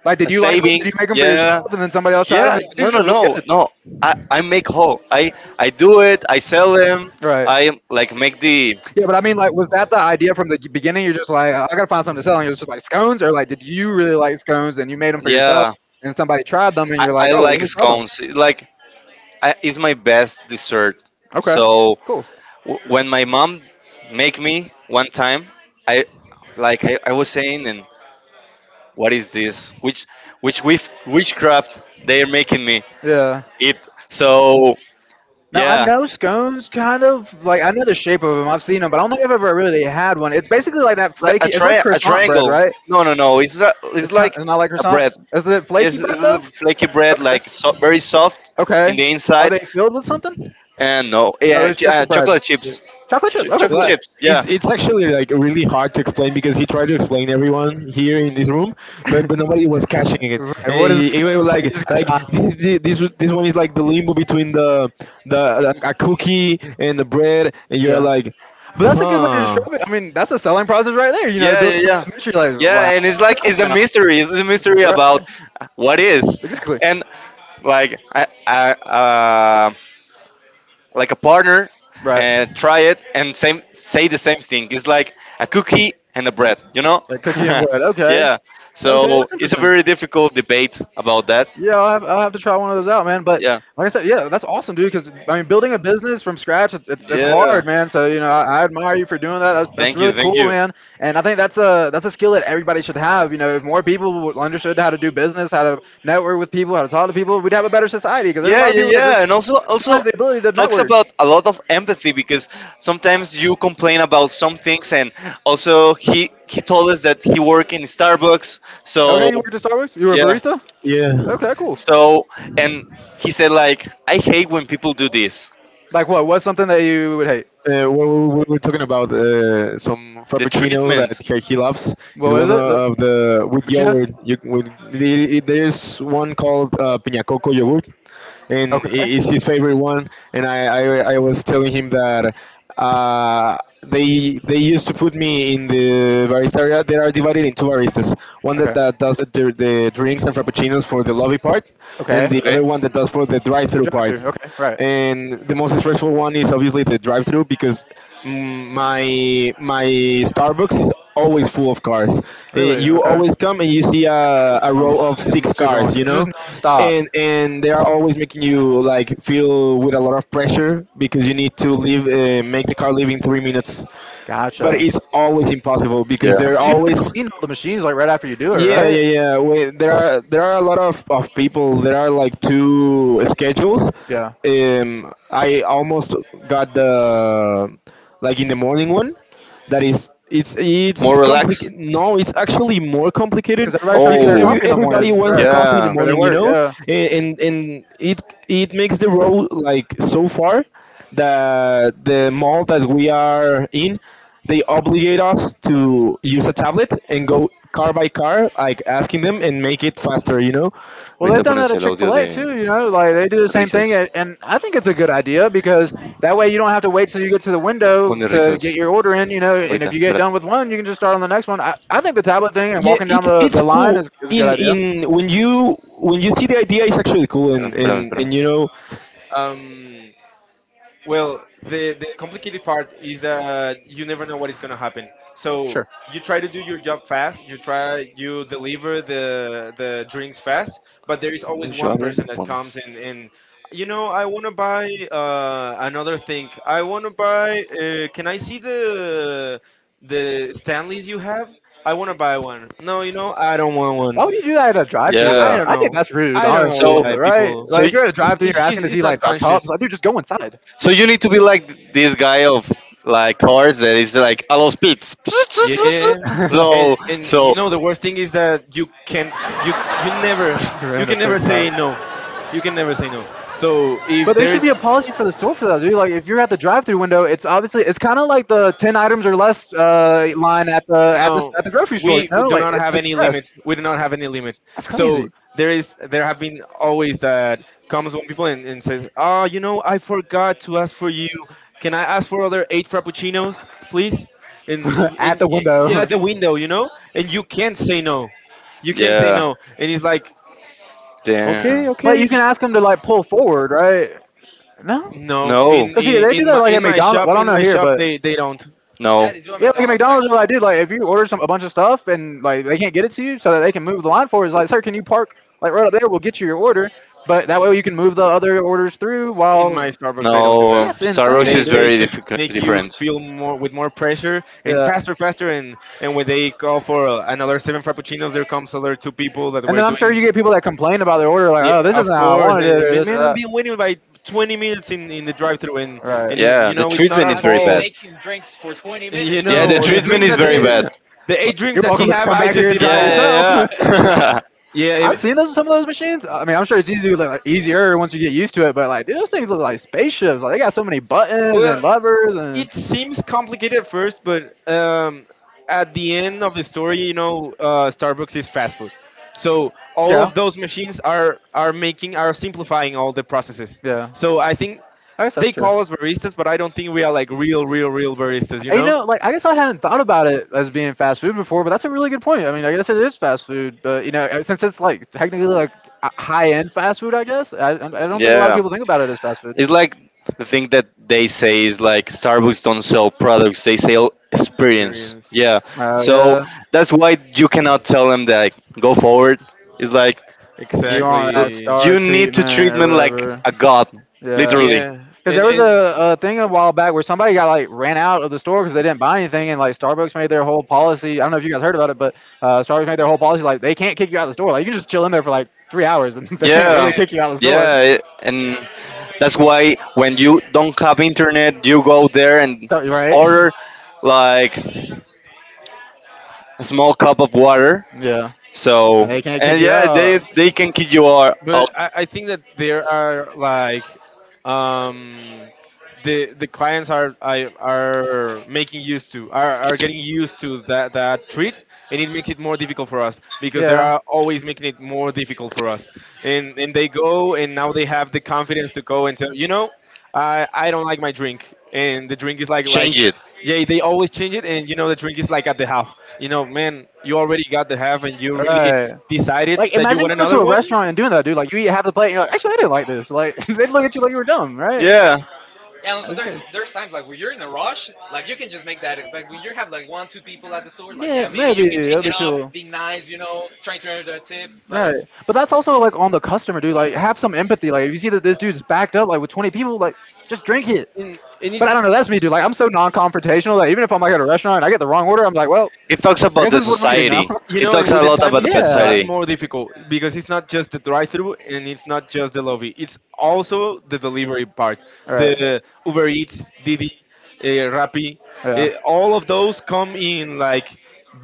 Speaker 2: Like did
Speaker 4: a
Speaker 2: you like them? Did
Speaker 4: saving.
Speaker 2: you make them for yourself?
Speaker 4: Yeah,
Speaker 2: And then somebody else tried them.
Speaker 4: yeah. No,
Speaker 2: These are
Speaker 4: no,
Speaker 2: really
Speaker 4: no,
Speaker 2: good.
Speaker 4: no. I, I make whole. I
Speaker 2: Right.
Speaker 4: I do it. I sell them. I like make the
Speaker 2: Yeah, but I mean, like, was that the idea from the beginning? You're just like, I gotta find something to sell, and you're just like scones, or like, did you really like scones and you made them for
Speaker 4: yeah.
Speaker 2: yourself, and somebody tried them, and
Speaker 4: I,
Speaker 2: you're like,
Speaker 4: I
Speaker 2: oh, well, let
Speaker 4: like
Speaker 2: me sell them.
Speaker 4: scones. It's like I, it's my best dessert.
Speaker 2: Okay,
Speaker 4: So
Speaker 2: cool.
Speaker 4: w- when my mom make me one time, I like I, I was saying and what is this? Which which wif- witchcraft they are making me
Speaker 2: Yeah.
Speaker 4: eat? So
Speaker 2: Now I
Speaker 4: yeah,
Speaker 2: know scones, kind of like I know the shape of them. I've seen them, but I don't think I've ever really had one. It's basically like that
Speaker 4: like a
Speaker 2: flaky. It's like
Speaker 4: tri a
Speaker 2: croissant bread,
Speaker 4: triangle.
Speaker 2: right?
Speaker 4: No, no, no. It's a, it's
Speaker 2: It's kind.
Speaker 4: like
Speaker 2: It's not like
Speaker 4: a
Speaker 2: croissant.
Speaker 4: bread.
Speaker 2: Is it flaky
Speaker 4: Yes, it's
Speaker 2: bread
Speaker 4: a
Speaker 2: though?
Speaker 4: flaky bread,
Speaker 2: Okay.
Speaker 4: like so, very soft
Speaker 2: Okay.
Speaker 4: in the
Speaker 2: Are
Speaker 4: inside.
Speaker 2: they filled with something?
Speaker 4: And no,
Speaker 2: Oh,
Speaker 4: yeah,
Speaker 2: it's
Speaker 4: ch-
Speaker 2: just the
Speaker 4: uh,
Speaker 2: bread.
Speaker 4: chocolate
Speaker 3: Yeah.
Speaker 4: chips.
Speaker 2: Chocolate
Speaker 4: Ch-
Speaker 2: chips. Okay,
Speaker 4: chocolate
Speaker 2: cool.
Speaker 3: Well,
Speaker 4: chips. Yeah,
Speaker 3: it's it's actually like really hard to explain, because he tried to explain everyone here in this room, but but nobody was catching it.
Speaker 2: Right.
Speaker 3: And
Speaker 2: What is
Speaker 3: he,
Speaker 2: this?
Speaker 3: he was like
Speaker 2: He's got
Speaker 3: like
Speaker 2: shot.
Speaker 3: this this this one is like the limbo between the the, like, a cookie and the bread, and you're
Speaker 2: Yeah.
Speaker 3: like,
Speaker 2: But that's a good way to
Speaker 3: huh,
Speaker 2: describe it. I mean, that's a selling process right there. You know, it
Speaker 4: yeah,
Speaker 2: builds
Speaker 4: yeah,
Speaker 2: some
Speaker 4: yeah,
Speaker 2: mystery. Like, wow,
Speaker 4: yeah. And it's like it's a
Speaker 2: now.
Speaker 4: mystery. It's a mystery about what
Speaker 2: Right.
Speaker 4: is.
Speaker 2: Exactly.
Speaker 4: And like I, I, uh, like a partner
Speaker 2: Right.
Speaker 4: and try it and same say the same thing. It's like a cookie and a bread, you know?
Speaker 2: It's like cookie and bread. Okay.
Speaker 4: Yeah.
Speaker 2: Okay,
Speaker 4: So
Speaker 2: that's
Speaker 4: it's a
Speaker 2: interesting.
Speaker 4: very difficult debate about that.
Speaker 2: Yeah, I'll have, I'll have to try one of those out, man. But
Speaker 4: Yeah.
Speaker 2: like I said, yeah, that's awesome, dude. Because I mean, building a business from scratch, it's, it's, it's
Speaker 4: Yeah.
Speaker 2: hard, man. So you know, I, I admire you for doing that. That's, that's
Speaker 4: Thank you.
Speaker 2: really
Speaker 4: Thank
Speaker 2: cool,
Speaker 4: you.
Speaker 2: man. And I think that's a that's a skill that everybody should have. You know, if more people w- understood how to do business, how to network with people, how to talk to people, we'd have a better society. Because there's a
Speaker 4: Yeah,
Speaker 2: lot of
Speaker 4: yeah,
Speaker 2: people that just
Speaker 4: yeah. And also
Speaker 2: don't
Speaker 4: also
Speaker 2: have the ability to
Speaker 4: talks
Speaker 2: network.
Speaker 4: about a lot of empathy because sometimes you complain about some things and also he he told us that he worked in Starbucks.
Speaker 2: Okay,
Speaker 4: So,
Speaker 2: you worked at Starbucks. You were a
Speaker 4: yeah.
Speaker 2: barista.
Speaker 3: yeah.
Speaker 2: Okay, cool.
Speaker 4: So, and he said like, I hate when people do this.
Speaker 2: Like what? What's something that you would hate?
Speaker 3: Uh, well, we we were talking about, uh, some
Speaker 4: The
Speaker 3: frappuccino that
Speaker 4: treatment.
Speaker 3: he, he loves.
Speaker 2: What
Speaker 3: It's
Speaker 2: was
Speaker 3: one
Speaker 2: it? The
Speaker 3: of the
Speaker 2: the
Speaker 3: with
Speaker 2: frappuccinos?
Speaker 3: yogurt. You, with, the- it- There's one called, uh, piña coco yogurt, and i-
Speaker 2: Okay.
Speaker 3: it's his favorite one. And I, I, I was telling him that, uh, they they used to put me in the barista area. They are divided in two baristas. One that,
Speaker 2: Okay.
Speaker 3: that does the, the drinks and frappuccinos for the lobby part, and
Speaker 2: Okay.
Speaker 3: the
Speaker 4: Okay,
Speaker 3: other one that does for the
Speaker 2: The
Speaker 3: drive-through part.
Speaker 2: drive-through. Okay. Right.
Speaker 3: And the most stressful one is obviously the drive-through, because mm, my my Starbucks is always full of cars. Eh,
Speaker 2: Really?
Speaker 3: You
Speaker 2: Okay.
Speaker 3: always come and you see a, a
Speaker 2: I
Speaker 3: row of six
Speaker 2: love super long.
Speaker 3: cars,
Speaker 2: So
Speaker 3: you
Speaker 2: it's just
Speaker 3: know,
Speaker 2: non-stop.
Speaker 3: and and they are always making you like feel with a lot of pressure because you need to leave, uh, make the car leave in three minutes. But
Speaker 2: Gotcha.
Speaker 3: it's always impossible because
Speaker 4: yeah.
Speaker 2: And
Speaker 3: they're
Speaker 2: plus, you have to
Speaker 3: always
Speaker 2: clean all the machines like right after you do it,
Speaker 3: yeah,
Speaker 2: right?
Speaker 3: yeah, yeah. Wait, there are there are a lot of, of people. There are like two schedules.
Speaker 2: Yeah,
Speaker 3: Um, I almost got the like in the morning one, that is it's it's
Speaker 4: More relaxed.
Speaker 3: complicated no it's actually more complicated
Speaker 2: because everybody's trying to get
Speaker 3: because
Speaker 2: their
Speaker 4: Oh,
Speaker 2: coffee
Speaker 3: every
Speaker 2: in the
Speaker 3: everybody
Speaker 2: morning,
Speaker 3: wants
Speaker 2: right?
Speaker 3: coffee in the
Speaker 4: ya.
Speaker 2: For their
Speaker 3: morning, you
Speaker 2: work,
Speaker 3: know.
Speaker 2: yeah.
Speaker 3: And and, and it it makes the road like so far that the mall that we are in, they obligate us to use a tablet and go car by car like asking them and make it faster, you know.
Speaker 2: Well, they've
Speaker 4: Ahorita
Speaker 2: done that
Speaker 4: pones
Speaker 2: at
Speaker 4: el
Speaker 2: Chick
Speaker 4: audio
Speaker 2: Fil A
Speaker 4: de
Speaker 2: too. You know, like they do the same thing,
Speaker 4: risas.
Speaker 2: and and I think it's a good idea because that way you don't have to wait till you get to the window
Speaker 4: Pone
Speaker 2: to
Speaker 4: risas.
Speaker 2: get your order in. You know, and
Speaker 4: Ahorita,
Speaker 2: if you get
Speaker 4: espérate.
Speaker 2: done with one, you can just start on the next one. I, I think the tablet thing and
Speaker 3: Yeah,
Speaker 2: walking down
Speaker 3: it's
Speaker 2: the,
Speaker 3: it's
Speaker 2: the line
Speaker 3: cool.
Speaker 2: is, is a good
Speaker 3: in
Speaker 2: idea.
Speaker 3: in when you when you see the idea, it's actually cool
Speaker 4: Espérame,
Speaker 3: and
Speaker 4: espérame,
Speaker 3: and and
Speaker 4: espérame.
Speaker 3: you know. um Well, the the complicated part is that you never know what is going to happen. So
Speaker 2: Sure.
Speaker 3: you try to do your job fast. You try, you deliver the the drinks fast, but there is
Speaker 4: Cuando
Speaker 3: always
Speaker 4: yo
Speaker 3: one
Speaker 4: hable,
Speaker 3: person
Speaker 4: lo
Speaker 3: that comes
Speaker 4: pones.
Speaker 3: and and you know, I want to buy uh, another thing. I want to buy. Uh, can I see the the Stanleys you have? I want to buy one. No, you know, I don't want
Speaker 2: Why
Speaker 3: one.
Speaker 2: would you do that at a
Speaker 3: I,
Speaker 2: drive-through
Speaker 3: I
Speaker 2: though?
Speaker 4: Yeah.
Speaker 3: don't
Speaker 2: I think
Speaker 3: know.
Speaker 2: that's rude,
Speaker 3: I don't know
Speaker 2: honestly.
Speaker 4: So
Speaker 3: why
Speaker 2: Right?
Speaker 3: people.
Speaker 4: so
Speaker 2: Like if
Speaker 4: y-
Speaker 2: you're at a
Speaker 3: It's,
Speaker 2: drive-through, you're
Speaker 3: it's, he's-
Speaker 2: asking to see
Speaker 3: it's not
Speaker 2: like the
Speaker 3: conscious.
Speaker 2: cups. I do just go inside.
Speaker 4: so you need to be like this guy of like cars that is like a los pits.
Speaker 3: Yeah,
Speaker 2: Running to
Speaker 3: and
Speaker 4: So
Speaker 3: and you
Speaker 4: so
Speaker 3: know the worst thing is that you can't you you never, you can
Speaker 2: and
Speaker 3: never
Speaker 2: piss
Speaker 3: say
Speaker 2: out.
Speaker 3: no, you can never say no. So if
Speaker 2: But there
Speaker 3: there
Speaker 2: should
Speaker 3: is
Speaker 2: be a policy for the store for that, dude. Like, if you're at the drive-through window, it's obviously it's kind of like the ten items or less uh, line at the at the
Speaker 3: no,
Speaker 2: at the grocery store.
Speaker 3: we
Speaker 2: You know,
Speaker 3: do
Speaker 2: like
Speaker 3: not
Speaker 2: it's
Speaker 3: have any
Speaker 2: express.
Speaker 3: limit. We do not have any limit.
Speaker 2: That's
Speaker 3: So
Speaker 2: crazy.
Speaker 3: there is there have been always that comes when people and, and says, oh, you know, I forgot to ask for you. Can I ask for other eight frappuccinos, please? And, and,
Speaker 2: At
Speaker 3: and,
Speaker 2: the
Speaker 3: and at
Speaker 2: window.
Speaker 3: the window, you know, and you can't say no, you can't say
Speaker 4: yeah.
Speaker 3: no, and it's like
Speaker 4: Damn.
Speaker 3: okay,
Speaker 2: But you
Speaker 3: okay.
Speaker 2: can ask them to like pull forward, right? No,
Speaker 3: No, in
Speaker 4: No,
Speaker 2: because see,
Speaker 3: in
Speaker 2: they do
Speaker 3: in
Speaker 2: that
Speaker 3: my,
Speaker 2: like
Speaker 3: in
Speaker 2: at
Speaker 3: my
Speaker 2: McDonald's.
Speaker 3: shop,
Speaker 2: Well, I
Speaker 3: in
Speaker 2: don't know
Speaker 3: my
Speaker 2: here,
Speaker 3: shop,
Speaker 2: but
Speaker 3: they they don't.
Speaker 1: Yeah, they do
Speaker 4: no.
Speaker 1: at
Speaker 2: yeah,
Speaker 1: McDonald's
Speaker 2: like at
Speaker 1: actually.
Speaker 2: McDonald's, like, dude, like if you order some a bunch of stuff and like they can't get it to you, so that they can move the line forward, it's like, sir, can you park like right up there? We'll get you your order, but that way you can move the other orders through.
Speaker 3: In my
Speaker 2: While
Speaker 3: Starbucks they don't do that.
Speaker 4: No,
Speaker 2: that's
Speaker 4: Starbucks
Speaker 2: insane,
Speaker 3: They
Speaker 4: is
Speaker 3: they
Speaker 2: dude.
Speaker 4: very
Speaker 3: just
Speaker 4: difficult,
Speaker 3: make you
Speaker 4: different.
Speaker 3: feel more with more pressure and
Speaker 2: Yeah,
Speaker 3: faster, faster. And and when they call for uh, another seven frappuccinos, there comes other two people that
Speaker 2: and
Speaker 3: were
Speaker 2: then I'm sure
Speaker 3: doing.
Speaker 2: you get people that complain about their order, like,
Speaker 3: Yeah,
Speaker 2: oh, this
Speaker 3: of
Speaker 2: isn't how I
Speaker 3: course.
Speaker 2: wanted it,
Speaker 3: And
Speaker 2: or
Speaker 3: man,
Speaker 2: this or
Speaker 3: man, I've
Speaker 2: that.
Speaker 3: been waiting by twenty minutes in, in the drive-through, and
Speaker 2: Right.
Speaker 3: and it,
Speaker 1: And
Speaker 4: Yeah,
Speaker 3: you
Speaker 1: you
Speaker 4: the
Speaker 1: say,
Speaker 3: know, it's not
Speaker 1: I've
Speaker 4: treatment
Speaker 3: our
Speaker 4: is
Speaker 1: been
Speaker 4: very bad.
Speaker 3: fault.
Speaker 1: making drinks for twenty minutes. Like,
Speaker 3: You
Speaker 4: Yeah, the
Speaker 3: know the
Speaker 4: treatment
Speaker 3: drinks
Speaker 4: is
Speaker 3: that
Speaker 1: yeah.
Speaker 4: very
Speaker 3: they,
Speaker 4: bad.
Speaker 3: the
Speaker 2: Well,
Speaker 3: eight drinks
Speaker 2: you're
Speaker 3: that
Speaker 2: welcome
Speaker 3: he
Speaker 2: to come
Speaker 3: have,
Speaker 2: back
Speaker 3: I
Speaker 2: here
Speaker 3: just
Speaker 2: and
Speaker 3: did
Speaker 2: try
Speaker 3: them
Speaker 2: it
Speaker 3: all.
Speaker 2: yourself.
Speaker 1: Yeah,
Speaker 4: Yeah, yeah,
Speaker 1: yeah,
Speaker 4: yeah.
Speaker 3: Yeah. I
Speaker 2: I've
Speaker 3: mean,
Speaker 2: seen those some of those machines. I mean, I'm sure it's easy, like like, easier once you get used to it. But like, dude, those things look like spaceships. Like they got so many buttons
Speaker 3: well,
Speaker 2: and levers and
Speaker 3: it seems complicated at first, but um, at the end of the story, you know, uh, Starbucks is fast food. So all
Speaker 2: yeah,
Speaker 3: of those machines are are making are simplifying all the processes.
Speaker 2: yeah.
Speaker 3: So I think
Speaker 2: I guess that's
Speaker 3: they
Speaker 2: true.
Speaker 3: call us baristas, but I don't think we are like real, real, real baristas. You
Speaker 2: And, you
Speaker 3: know,
Speaker 2: know, like I guess I hadn't thought about it as being fast food before, but that's a really good point. I mean, I guess it is fast food, but you know, uh, since it's like technically like high end fast food, I guess I, I don't think a lot of
Speaker 4: Yeah,
Speaker 2: people think about it as fast food.
Speaker 4: it's like the thing that they say is like Starbucks don't sell products; they sell experience.
Speaker 3: experience
Speaker 4: Yeah,
Speaker 2: Uh,
Speaker 4: so
Speaker 2: yeah,
Speaker 4: that's why you cannot tell them that like, go forward. It's like
Speaker 2: you
Speaker 4: you,
Speaker 2: want that
Speaker 3: exactly.
Speaker 2: star
Speaker 4: you need to
Speaker 2: treatment or
Speaker 4: treatment like
Speaker 2: whatever.
Speaker 4: a god,
Speaker 2: Yeah,
Speaker 4: literally.
Speaker 3: Yeah,
Speaker 2: because
Speaker 3: and
Speaker 2: there was
Speaker 3: and
Speaker 2: a, a thing a while back where somebody got like ran out of the store because they didn't buy anything, and like Starbucks made their whole policy. I don't know if you guys heard about it, but uh, Starbucks made their whole policy like they can't kick you out of the store. Like you can just chill in there for like three hours, and they can't
Speaker 1: yeah.
Speaker 2: really
Speaker 4: Yeah,
Speaker 2: kick you out of the store.
Speaker 4: yeah, and that's why when you don't have internet, you go there and
Speaker 2: So right?
Speaker 4: order like a small cup of water.
Speaker 2: Yeah.
Speaker 4: So
Speaker 2: And they can't kick
Speaker 4: and
Speaker 2: you
Speaker 4: yeah,
Speaker 2: out.
Speaker 4: they they can keep you or, or
Speaker 3: But I, I think that there are like um, the the clients are I, are making used to are, are getting used to that that treat, and it makes it more difficult for us because they
Speaker 2: Yeah.
Speaker 3: are always making it more difficult for us. and and they go and now they have the confidence to go and tell you know, I I don't like my drink and the drink is like like
Speaker 4: change it.
Speaker 3: yeah they always change it and you know the drink is like at the half. You know man, you already got the half and you
Speaker 2: You
Speaker 3: really
Speaker 2: right.
Speaker 3: decided
Speaker 2: Like,
Speaker 3: that you
Speaker 2: imagine
Speaker 3: want
Speaker 2: going to
Speaker 3: another
Speaker 2: a
Speaker 3: one.
Speaker 2: restaurant and doing that, dude. Like, you eat half the plate and you're like, actually, I didn't like this. Like, they'd look at you like you were dumb, right? Yeah. And
Speaker 4: Yeah,
Speaker 1: Yeah, and so
Speaker 2: that's
Speaker 1: there's
Speaker 2: there's crazy.
Speaker 1: there's times
Speaker 2: There's
Speaker 1: like
Speaker 2: times
Speaker 1: when you're
Speaker 2: like
Speaker 1: in
Speaker 2: when
Speaker 1: a
Speaker 2: you're in a
Speaker 1: rush,
Speaker 2: rush,
Speaker 1: like you
Speaker 2: like
Speaker 1: can
Speaker 2: you
Speaker 1: just
Speaker 2: can
Speaker 1: make
Speaker 2: just
Speaker 1: that
Speaker 2: make that.
Speaker 1: like when you
Speaker 2: Like when
Speaker 1: have
Speaker 2: you
Speaker 1: like
Speaker 2: have
Speaker 1: one
Speaker 2: like
Speaker 1: two
Speaker 2: one two
Speaker 1: people at the
Speaker 2: people at
Speaker 1: store,
Speaker 2: the store,
Speaker 1: like yeah,
Speaker 2: like
Speaker 1: maybe
Speaker 2: yeah,
Speaker 1: you can
Speaker 2: maybe.
Speaker 1: change
Speaker 2: Maybe.
Speaker 1: it
Speaker 2: It'll changing
Speaker 1: up,
Speaker 2: be up,
Speaker 1: being
Speaker 2: chill. Be
Speaker 1: nice, you
Speaker 2: nice, you
Speaker 1: know,
Speaker 2: know,
Speaker 1: trying to earn
Speaker 2: trying to
Speaker 1: that
Speaker 2: earn
Speaker 1: tip, but
Speaker 2: their tip. Right. But that's also, like, on the customer, dude. Like, have some empathy. Like, if you see that this dude's backed up, like, with twenty people, like, just drink it.
Speaker 3: And, and
Speaker 2: But I
Speaker 3: it's
Speaker 2: don't know. That's me, dude. Like I'm so non-confrontational that even if I'm like at a restaurant and I get the wrong order, I'm like, well,
Speaker 4: it talks
Speaker 2: I
Speaker 4: about
Speaker 2: guess
Speaker 4: the
Speaker 2: this is what I'm eating now.
Speaker 4: society.
Speaker 3: you
Speaker 4: It
Speaker 3: know, and
Speaker 4: talks
Speaker 3: with
Speaker 4: a
Speaker 3: the
Speaker 4: lot
Speaker 3: time
Speaker 4: about
Speaker 3: it
Speaker 4: the
Speaker 3: just got
Speaker 2: Yeah.
Speaker 4: society.
Speaker 3: more difficult because it's not just the drive through and it's not just the lobby, it's also the delivery part,
Speaker 2: All right.
Speaker 3: the Uber Eats, Didi, uh, Rappi,
Speaker 2: Yeah.
Speaker 3: uh, all of those come in like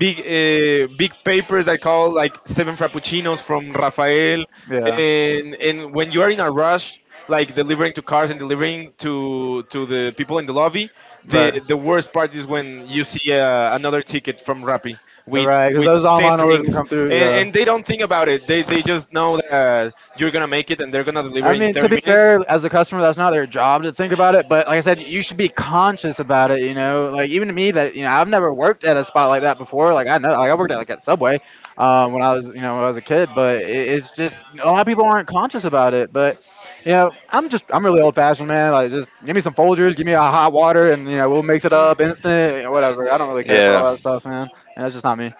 Speaker 3: big uh, big papers. I call like seven frappuccinos from Rafael.
Speaker 2: Yeah.
Speaker 3: And and when you are in a rush like delivering to cars and delivering to to the people in the lobby. The
Speaker 2: Right.
Speaker 3: the worst part is when you see uh, another ticket from Rappi with
Speaker 2: Right, because
Speaker 3: with
Speaker 2: those
Speaker 3: ten
Speaker 2: online orders will
Speaker 3: drinks,
Speaker 2: come through.
Speaker 3: and
Speaker 2: Yeah.
Speaker 3: and they don't think about it. They they just know that you're gonna make it and they're gonna deliver
Speaker 2: I
Speaker 3: in
Speaker 2: mean, to
Speaker 3: thirty
Speaker 2: be fair,
Speaker 3: minutes,
Speaker 2: as a customer, that's not their job to think about it. But like I said, you should be conscious about it. You know, like even to me, that you know, I've never worked at a spot like that before. Like I know, like I worked at like at Subway um, when I was, you know, when I was a kid. But it, it's just a lot of people aren't conscious about it. But you know, I'm just, I'm really old fashioned, man. Like just give me some Folgers, give me a hot water, and you know, we'll mix it up instant, you
Speaker 1: that's
Speaker 2: know,
Speaker 1: it.
Speaker 2: whatever. I don't really care for
Speaker 4: Yeah,
Speaker 2: all that stuff, man. And that's just not me.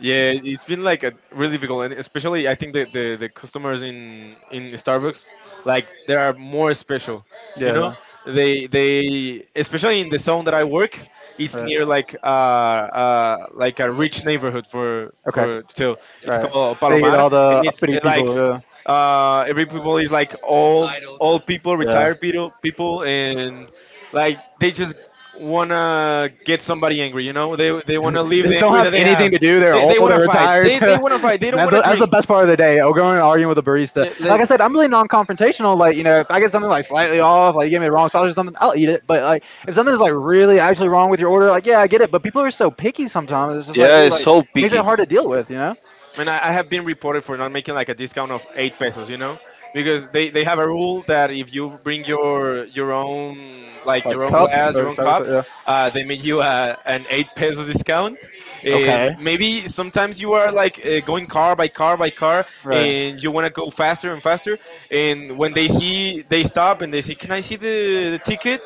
Speaker 3: Yeah, it's been like a really difficult, and especially I think the, the, the customers in in Starbucks, like they are more special, you know.
Speaker 2: Yeah.
Speaker 3: They they especially in the zone that I work, it's
Speaker 2: Right.
Speaker 3: near like uh, uh like a rich neighborhood for
Speaker 2: Okay.
Speaker 3: for so. It's
Speaker 2: Right.
Speaker 3: called
Speaker 2: So you get
Speaker 3: Palomar,
Speaker 2: all
Speaker 3: and
Speaker 2: the
Speaker 3: it's
Speaker 2: uppity
Speaker 3: uh, like
Speaker 2: people.
Speaker 1: Yep.
Speaker 3: uh, every people is like old,
Speaker 1: Entitled.
Speaker 3: old people,
Speaker 2: Yeah.
Speaker 3: retired people, people, and like they just
Speaker 2: Yeah.
Speaker 3: wanna get somebody angry. You know, they they wanna
Speaker 2: they
Speaker 3: leave the
Speaker 2: just don't
Speaker 3: anger
Speaker 2: have
Speaker 3: that they
Speaker 2: anything
Speaker 3: have.
Speaker 2: to do. They're
Speaker 3: They,
Speaker 2: old.
Speaker 3: they wanna
Speaker 2: They're
Speaker 3: fight.
Speaker 2: retired.
Speaker 3: They they
Speaker 2: that's,
Speaker 3: wanna fight. They don't wanna
Speaker 2: the, that's the
Speaker 3: drink.
Speaker 2: best part of the day. Oh, going and arguing with a barista. Like
Speaker 3: Like
Speaker 2: I said, I'm really non-confrontational. Like you know, if I get something like slightly off, like you gave me the wrong sauce or something, I'll eat it. But like if something's like really actually wrong with your order, like yeah, I get it. But people are so picky sometimes. It's just like,
Speaker 4: yeah,
Speaker 2: dude,
Speaker 4: it's
Speaker 2: like
Speaker 4: so
Speaker 2: makes it
Speaker 4: picky.
Speaker 2: hard to deal with. You know.
Speaker 3: man, I, I have been reported for not making like a discount of eight pesos, you know, because they, they have a rule that if you bring your your own like your
Speaker 2: Like
Speaker 3: own
Speaker 2: cup?
Speaker 3: glass,
Speaker 2: Oh,
Speaker 3: your own
Speaker 2: sorry,
Speaker 3: cup,
Speaker 2: so, yeah.
Speaker 3: uh, they make you a, an eight peso discount.
Speaker 2: Okay.
Speaker 3: And maybe sometimes you are like uh, going car by car by car,
Speaker 2: Right.
Speaker 3: and you want to go faster and faster. And when they see, they stop and they say, "Can I see the, the ticket?"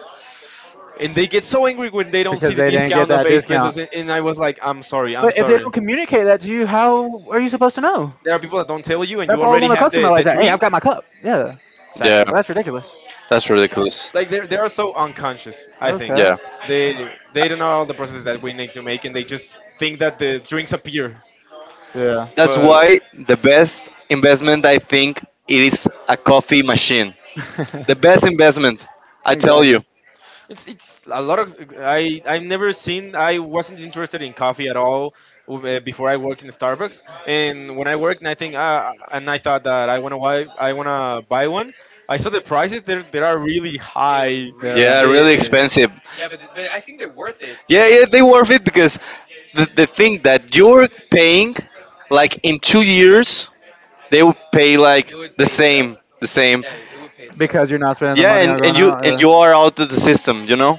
Speaker 3: And they get so angry when they don't see
Speaker 2: Because
Speaker 3: the
Speaker 2: they didn't get
Speaker 3: discount of
Speaker 2: that
Speaker 3: eight
Speaker 2: discount.
Speaker 3: pesos. And, and I was like, "I'm sorry, I'm
Speaker 2: But if they
Speaker 3: sorry."
Speaker 2: don't communicate that to you, how are you supposed to know?
Speaker 3: There are people that don't tell you, and
Speaker 2: That
Speaker 3: you
Speaker 2: falls on
Speaker 3: already
Speaker 2: the
Speaker 3: have
Speaker 2: customer
Speaker 3: the, the
Speaker 2: like that. Hey, I've
Speaker 3: drink.
Speaker 2: got my cup. Yeah,
Speaker 4: Yeah,
Speaker 3: Exactly.
Speaker 2: that's ridiculous.
Speaker 4: that's ridiculous.
Speaker 3: Like they're they are so unconscious. I think
Speaker 2: Okay.
Speaker 4: Yeah,
Speaker 3: they they don't know all the processes that we need to make, and they just think that the drinks appear.
Speaker 2: Yeah.
Speaker 4: that's
Speaker 3: But
Speaker 4: why the best investment I think it is a coffee machine. The best investment, I tell
Speaker 2: Exactly.
Speaker 4: you.
Speaker 3: It's it's a lot of I I've never seen. I wasn't interested in coffee at all uh, before I worked in Starbucks, and when I worked, and I think uh, and I thought that I wanna buy I wanna buy one. I saw the prices; they they are really
Speaker 1: They're
Speaker 3: high.
Speaker 1: really
Speaker 2: Yeah.
Speaker 4: Yeah,
Speaker 1: expensive.
Speaker 4: really expensive.
Speaker 1: Yeah, but but I think they're worth it.
Speaker 4: Yeah, yeah, they worth it because the, the thing that you're paying, like in two years, they will pay
Speaker 1: It would
Speaker 4: like
Speaker 1: pay
Speaker 4: the
Speaker 1: itself.
Speaker 4: same, the
Speaker 1: Yeah,
Speaker 4: same.
Speaker 1: it would pay itself.
Speaker 2: Because you're not spending the
Speaker 4: Yeah,
Speaker 2: money on
Speaker 4: and, and
Speaker 2: going
Speaker 4: you
Speaker 2: out.
Speaker 4: and
Speaker 2: Yeah.
Speaker 4: you are out of the system, you know.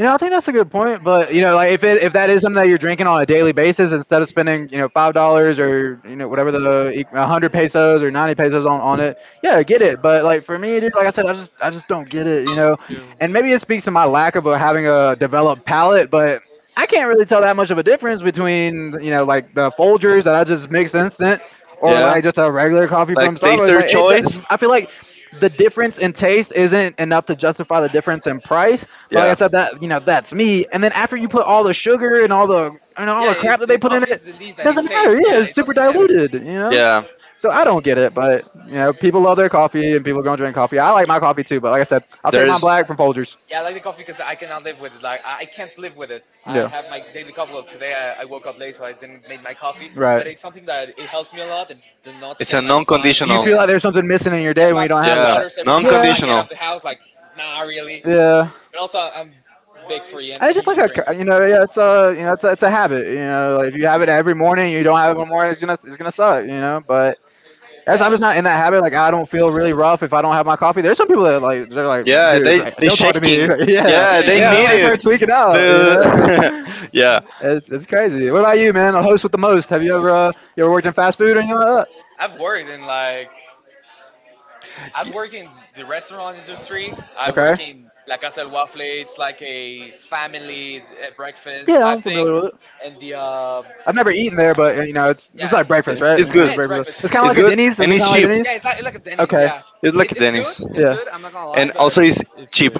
Speaker 2: You know, I think that's a good point, but you know, like if it if that is something that you're drinking on a daily basis, instead of spending you know five dollars or you know whatever the e- a hundred pesos or ninety pesos on on it, yeah, I get it. But like for me, dude, like I said, I just I just don't get it, you know.
Speaker 3: Uh,
Speaker 2: And maybe it speaks to my lack of a, having a developed palate, but I can't really tell that much of a difference between you know like the Folgers that I just mix instant or
Speaker 4: Yeah,
Speaker 2: like just a regular coffee
Speaker 4: like
Speaker 2: from Starbucks.
Speaker 4: taster
Speaker 2: Like it,
Speaker 4: choice.
Speaker 2: do- I feel like the difference in taste isn't enough to justify the difference in price. But like I
Speaker 4: Yeah,
Speaker 2: said, that you know that's me. And then after you put all the sugar and all the
Speaker 1: Yeah,
Speaker 2: and all
Speaker 1: it,
Speaker 2: the
Speaker 1: the
Speaker 2: crap that they
Speaker 1: coffee is
Speaker 2: put
Speaker 1: the
Speaker 2: in it,
Speaker 1: least that it
Speaker 2: it
Speaker 1: tastes.
Speaker 2: doesn't
Speaker 1: Yeah,
Speaker 2: matter.
Speaker 1: it
Speaker 2: Yeah,
Speaker 1: doesn't
Speaker 2: it's super
Speaker 1: matter.
Speaker 2: diluted. You know.
Speaker 4: yeah.
Speaker 2: So I don't get it, but you know, people love their coffee and people are gonna drink coffee. I like my coffee too, but like I said, I'll
Speaker 4: There
Speaker 2: take my
Speaker 4: is.
Speaker 2: black from
Speaker 1: Yeah, I
Speaker 2: Folgers.
Speaker 1: like the
Speaker 2: Yeah.
Speaker 1: coffee because I cannot live with it. Like I I can't live with it. I have my daily cup. Well, today I, I woke up late, so I didn't make my coffee. But it's something
Speaker 2: Right.
Speaker 1: that it helps me a lot. And do not spend like
Speaker 4: It's a
Speaker 1: five to ten,
Speaker 2: You
Speaker 4: non-conditional.
Speaker 2: feel like there's something missing
Speaker 1: yeah,
Speaker 2: in your
Speaker 1: five to
Speaker 2: day when you
Speaker 1: six
Speaker 2: don't have
Speaker 1: dollars
Speaker 4: Yeah,
Speaker 1: every
Speaker 2: that.
Speaker 1: time I get out
Speaker 2: Yeah,
Speaker 1: of the
Speaker 4: non-conditional.
Speaker 1: house. Like, nah, really.
Speaker 2: yeah.
Speaker 1: Also, I'm big for en- energy
Speaker 2: And it's just like
Speaker 1: drinks.
Speaker 2: a, you know, yeah, it's a, you know, it's a, it's a habit. You know, like if you have it every morning, you don't have it one morning, it's gonna, it's gonna suck. You know, but
Speaker 1: Yeah,
Speaker 2: as I'm just not in that habit. Like I don't feel really rough if I don't have my coffee. There's some people that like, they're like,
Speaker 4: Yeah,
Speaker 2: dude,
Speaker 4: they
Speaker 2: if-
Speaker 4: they
Speaker 2: don't talk to me.
Speaker 4: shaking.
Speaker 1: yeah,
Speaker 2: yeah,
Speaker 4: Yeah,
Speaker 1: me.
Speaker 4: they
Speaker 2: yeah, they
Speaker 4: need
Speaker 2: like
Speaker 4: it.
Speaker 2: start tweaking out. You know,
Speaker 4: The yeah,
Speaker 2: it's, it's crazy. What about you, man? A host with the most. Have you ever, uh, you ever worked in fast food or anything like that?
Speaker 1: I've worked in like I've worked
Speaker 2: Have
Speaker 1: in
Speaker 2: worked.
Speaker 1: the restaurant industry. I work
Speaker 2: Okay.
Speaker 1: in La Casa del Waffle. It's like a family uh, breakfast type
Speaker 2: Yeah,
Speaker 1: thing,
Speaker 2: I'm familiar with it.
Speaker 1: and the uh,
Speaker 2: I've never eaten there, but uh, you know, it's
Speaker 1: yeah,
Speaker 2: yeah, it's like breakfast,
Speaker 1: yeah,
Speaker 2: right? You
Speaker 4: it's
Speaker 1: it's
Speaker 4: good.
Speaker 2: know,
Speaker 1: breakfast.
Speaker 2: breakfast. It's
Speaker 1: It's
Speaker 2: breakfast, kind of
Speaker 4: It's
Speaker 2: like a
Speaker 4: good
Speaker 2: Denny's. Is
Speaker 4: and
Speaker 2: it kind
Speaker 4: it's
Speaker 2: of like
Speaker 1: Yeah,
Speaker 4: cheap.
Speaker 1: it's
Speaker 2: Denny's?
Speaker 1: like like a Denny's. Yeah,
Speaker 2: Okay.
Speaker 1: it,
Speaker 4: It's
Speaker 1: it's
Speaker 2: it's
Speaker 4: like
Speaker 1: good. It's
Speaker 4: Dennis,
Speaker 1: good. I'm
Speaker 2: yeah.
Speaker 1: not gonna lie, but
Speaker 4: and also it's
Speaker 3: it's it's
Speaker 4: cheap.
Speaker 3: good.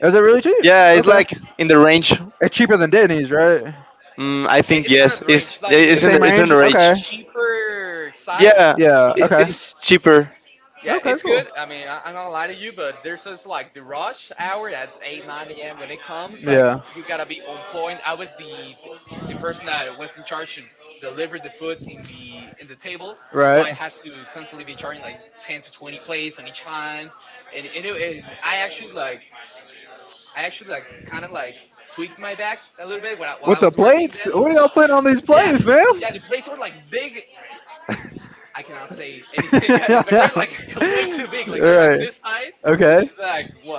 Speaker 2: Lie. Is it really cheap? Yeah,
Speaker 4: Yeah,
Speaker 2: it's
Speaker 4: it's
Speaker 2: okay, like
Speaker 4: like in the range.
Speaker 2: it's cheaper than Denny's, right? it-
Speaker 4: Mm,
Speaker 1: it,
Speaker 4: I
Speaker 1: it's kind
Speaker 4: think
Speaker 1: of the
Speaker 4: yes,
Speaker 1: range, like in
Speaker 4: it's
Speaker 1: the
Speaker 2: The
Speaker 4: it's in the
Speaker 2: same
Speaker 4: it's
Speaker 1: in
Speaker 4: in
Speaker 2: range.
Speaker 1: the
Speaker 4: the range.
Speaker 2: Okay.
Speaker 1: cheaper side
Speaker 4: Yeah,
Speaker 1: of the
Speaker 2: Yeah.
Speaker 4: it,
Speaker 1: things.
Speaker 2: Okay.
Speaker 4: it's cheaper.
Speaker 1: Yeah,
Speaker 2: I
Speaker 1: it's good. I mean, I, I'm not lying to you, but
Speaker 2: don't.
Speaker 1: there's this like the rush hour at eight, nine a m when it comes, like
Speaker 2: a m.
Speaker 1: you
Speaker 2: Yeah. to
Speaker 1: gotta be on point. I
Speaker 2: was
Speaker 1: was the
Speaker 2: the
Speaker 1: the person
Speaker 2: the in
Speaker 1: that was in charge to
Speaker 2: in
Speaker 1: deliver the food in the in the tables,
Speaker 2: I I
Speaker 1: so I had
Speaker 2: I to
Speaker 1: to constantly be charging
Speaker 2: like,
Speaker 1: like ten to twenty
Speaker 2: like,
Speaker 1: plates on
Speaker 2: like,
Speaker 1: each hand, and and, it, and I actually like I actually like kind of like tweaked my back a little bit while I, while I was working there.
Speaker 2: y'all putting on
Speaker 1: Yeah,
Speaker 2: these plates,
Speaker 1: yeah,
Speaker 2: man?
Speaker 1: the plates were like big. I cannot say anything, but they're like way too big. Like they're like, right, this
Speaker 2: right.
Speaker 1: size, which is
Speaker 2: Okay.
Speaker 1: like what, like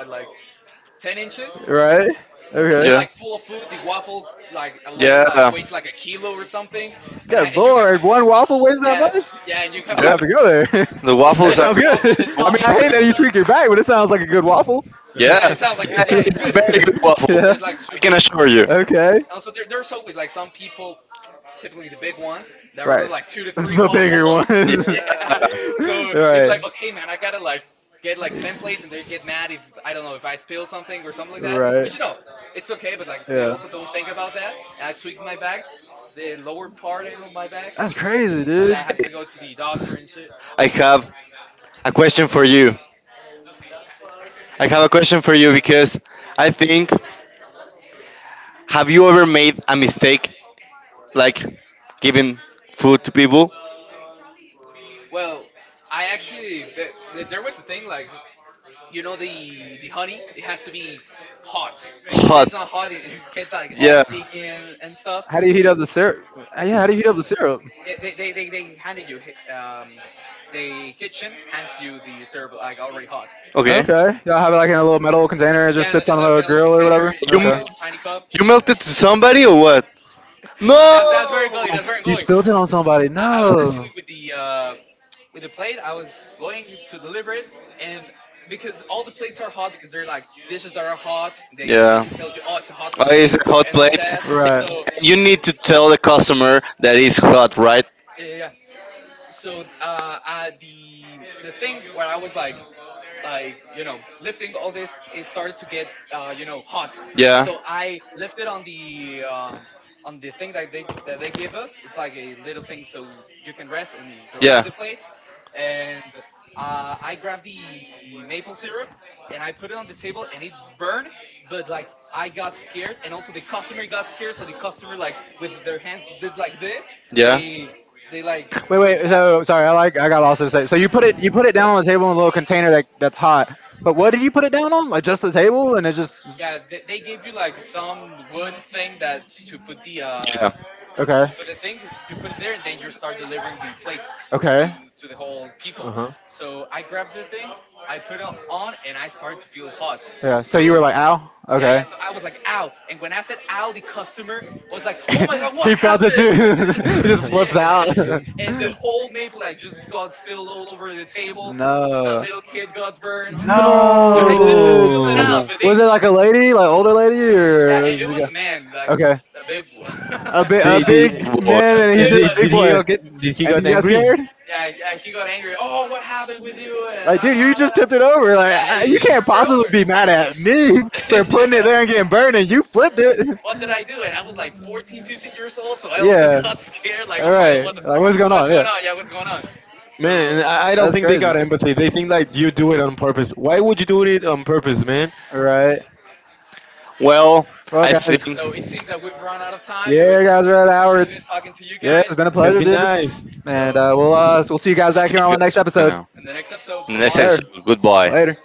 Speaker 1: ten inches,
Speaker 2: Right.
Speaker 1: and they're, okay, like
Speaker 2: Okay.
Speaker 1: full
Speaker 4: Yeah,
Speaker 1: of food. The waffle like alone, yeah, like
Speaker 4: yeah,
Speaker 1: weighs
Speaker 4: yeah.
Speaker 1: like a kilo or something, and I and you
Speaker 2: Good And
Speaker 1: have to.
Speaker 2: lord, one waffle weighs
Speaker 1: Yeah,
Speaker 2: that, yeah,
Speaker 1: yeah,
Speaker 2: much?
Speaker 1: and you have
Speaker 2: Have
Speaker 1: to.
Speaker 2: I'm gonna to have to go there.
Speaker 1: Really?
Speaker 4: The
Speaker 1: Yeah, the
Speaker 2: that
Speaker 4: waffles are
Speaker 2: sounds
Speaker 1: waffle,
Speaker 4: good.
Speaker 1: the
Speaker 2: good.
Speaker 4: The
Speaker 2: it's I mean,
Speaker 1: toppings,
Speaker 2: waffle. I
Speaker 1: all
Speaker 4: waffles
Speaker 2: waffle. Hate
Speaker 1: that.
Speaker 2: that
Speaker 4: are
Speaker 2: you tweaked your
Speaker 4: good.
Speaker 2: back, but it sounds like a good waffle.
Speaker 1: Yeah, it
Speaker 4: Yeah,
Speaker 1: sounds like
Speaker 4: It's
Speaker 1: yeah, it's
Speaker 4: yeah,
Speaker 1: good,
Speaker 2: Good
Speaker 1: it's
Speaker 4: it's a
Speaker 1: good,
Speaker 4: very good
Speaker 1: but
Speaker 2: waffle.
Speaker 1: yeah, it's
Speaker 4: waffle.
Speaker 1: like
Speaker 2: Yeah.
Speaker 1: too big.
Speaker 4: I
Speaker 1: Sure.
Speaker 4: can assure you.
Speaker 1: And also
Speaker 2: Okay.
Speaker 1: there, there's always like some people typically the big ones that order like
Speaker 2: Right.
Speaker 1: two to three
Speaker 2: The
Speaker 1: waffles.
Speaker 2: bigger
Speaker 4: Yeah,
Speaker 2: ones.
Speaker 1: Yeah. So it's like, okay,
Speaker 2: Right.
Speaker 1: man, I gotta like get like ten plates, and they get mad if I don't know if I spill something or something like that. Which you know,
Speaker 2: Right.
Speaker 1: it's okay, but like they also
Speaker 2: Yeah.
Speaker 1: don't think about that. And I tweaked my back, the lower part end of my back.
Speaker 2: That's crazy,
Speaker 1: Yeah, I had
Speaker 2: dude.
Speaker 1: to go
Speaker 2: How
Speaker 1: to the doctor and shit.
Speaker 4: I have a question for you. I have a question for you because I think have you ever made a mistake like giving food to people
Speaker 1: Well, I actually th- th- there was a thing like you know the the honey it has to be hot because if it's not
Speaker 4: hot?
Speaker 1: hot it, it gets like all
Speaker 4: Yeah.
Speaker 1: sticky and, and stuff.
Speaker 2: do you heat up the syrup? Uh, Yeah, how do you heat up the
Speaker 1: Yeah,
Speaker 2: syrup?
Speaker 1: they, they, they, they handed you um, the kitchen hands you the syrup like already hot.
Speaker 4: Okay.
Speaker 2: Okay. Y'all have it like in a little metal
Speaker 1: Yeah,
Speaker 2: container. It just sits on
Speaker 1: the
Speaker 2: a little
Speaker 1: container
Speaker 2: grill or
Speaker 1: it's
Speaker 2: whatever.
Speaker 1: like a
Speaker 4: You m-
Speaker 2: Okay.
Speaker 1: tiny cup.
Speaker 4: you melted to somebody or what?
Speaker 1: that's that's where it
Speaker 4: No.
Speaker 1: am going. That's where I'm going.
Speaker 2: You spilled it on
Speaker 1: I I
Speaker 2: somebody.
Speaker 1: was actually with
Speaker 2: No.
Speaker 1: the uh, with the plate. I was going to deliver it, and because all the plates are hot, because they're like dishes that are hot. They the kitchen tells you, oh, it's a hot plate and all that. So
Speaker 2: Right.
Speaker 4: You need to tell the customer that it's hot, right?
Speaker 1: yeah, yeah, yeah. So uh, uh, the the thing where I was like like you know lifting all this. It started to get uh, you know hot. Yeah. So I lifted on the um, on the thing that they that they give us. It's like a little thing so you can rest and, yeah, deliver the plates. And uh, I grabbed the maple syrup and I put it on the table, and it burned. But like I got scared, and also the customer got scared. So the customer like with their hands did like this. Yeah. they they like freaked
Speaker 2: Wait,
Speaker 1: out.
Speaker 2: wait. So sorry, I like I got lost in a second. So you put it you put it down on the table in a little container that that's hot. But what did you put it down on? Like just the table, and it
Speaker 1: Yeah,
Speaker 2: just
Speaker 1: they, they give you like some wood thing that to put the uh
Speaker 4: Yeah.
Speaker 1: the
Speaker 2: Okay.
Speaker 1: thing. You put it there, and then you start delivering the plates to to
Speaker 2: Okay.
Speaker 1: the whole people.
Speaker 3: uh-huh.
Speaker 1: So I grabbed the thing, I put it on, and I started to feel hot.
Speaker 2: Yeah.
Speaker 1: So
Speaker 2: So you were like, ow.
Speaker 1: yeah, yeah, so I
Speaker 2: Okay.
Speaker 1: was like, ow. And when I said ow, the customer was like, oh my god, what
Speaker 2: he
Speaker 1: happened?
Speaker 2: felt it too. he just flips out.
Speaker 1: And the whole maple like just got spilled all over the table. That little
Speaker 2: No.
Speaker 1: kid got burned. But I
Speaker 2: No,
Speaker 1: didn't spill it
Speaker 2: dude.
Speaker 1: out. But they,
Speaker 3: No.
Speaker 1: yeah,
Speaker 2: Was it like a lady, like older lady,
Speaker 1: it, it
Speaker 2: or
Speaker 1: was a
Speaker 2: was just a guy?
Speaker 1: man, like a
Speaker 2: Okay.
Speaker 1: big one.
Speaker 2: A
Speaker 3: They, they
Speaker 2: big,
Speaker 1: Big
Speaker 2: man,
Speaker 1: one,
Speaker 2: and
Speaker 1: a
Speaker 2: he's
Speaker 3: and
Speaker 1: big
Speaker 3: they,
Speaker 2: just big
Speaker 1: one.
Speaker 3: did he
Speaker 2: boy,
Speaker 3: all get did he
Speaker 2: and
Speaker 3: got
Speaker 2: he got
Speaker 3: angry?
Speaker 2: scared.
Speaker 1: Yeah, yeah,
Speaker 2: Yeah,
Speaker 1: like, he got angry. Oh, what happened with you? And la, la,
Speaker 2: like, dude,
Speaker 1: la, la.
Speaker 2: you just tipped it
Speaker 1: Yeah,
Speaker 2: over. Like,
Speaker 1: it, it
Speaker 2: I- you can't
Speaker 1: just
Speaker 2: possibly be mad at
Speaker 1: took
Speaker 2: me
Speaker 1: over.
Speaker 2: for
Speaker 1: Yeah.
Speaker 2: putting it there and getting burned, and you flipped
Speaker 1: What
Speaker 2: it.
Speaker 1: did I do? And I was like fourteen, fifteen years old, so I also got
Speaker 2: Yeah.
Speaker 1: scared. Like, oh my god,
Speaker 2: All
Speaker 1: what
Speaker 2: right.
Speaker 1: the,
Speaker 2: the Like,
Speaker 1: what's
Speaker 2: what's
Speaker 1: going
Speaker 2: going
Speaker 1: on?
Speaker 2: on?
Speaker 1: Yeah,
Speaker 2: Yeah.
Speaker 1: what's going on? So,
Speaker 3: Man, I I don't
Speaker 2: That's
Speaker 3: think they
Speaker 2: crazy.
Speaker 3: got empathy. They think like you do it on purpose. Why would you do it on purpose, man?
Speaker 2: All right.
Speaker 4: Well,
Speaker 2: Well,
Speaker 4: I
Speaker 1: so
Speaker 4: think
Speaker 2: guys.
Speaker 1: it seems that we've run out of time. It was
Speaker 2: Yeah, guys, we're at
Speaker 1: really good talking
Speaker 2: Howard.
Speaker 1: to you guys.
Speaker 2: Yeah, it's been a
Speaker 3: It's gonna
Speaker 2: pleasure,
Speaker 3: be
Speaker 2: dudes.
Speaker 3: nice.
Speaker 1: So,
Speaker 2: And uh, we'll uh, we'll see you guys back
Speaker 4: see
Speaker 2: here on the
Speaker 4: you guys
Speaker 2: next
Speaker 4: for
Speaker 1: in the
Speaker 2: episode.
Speaker 4: now.
Speaker 1: next episode, bye bye.
Speaker 2: Yes, sir.
Speaker 4: Episode, goodbye.
Speaker 2: Later.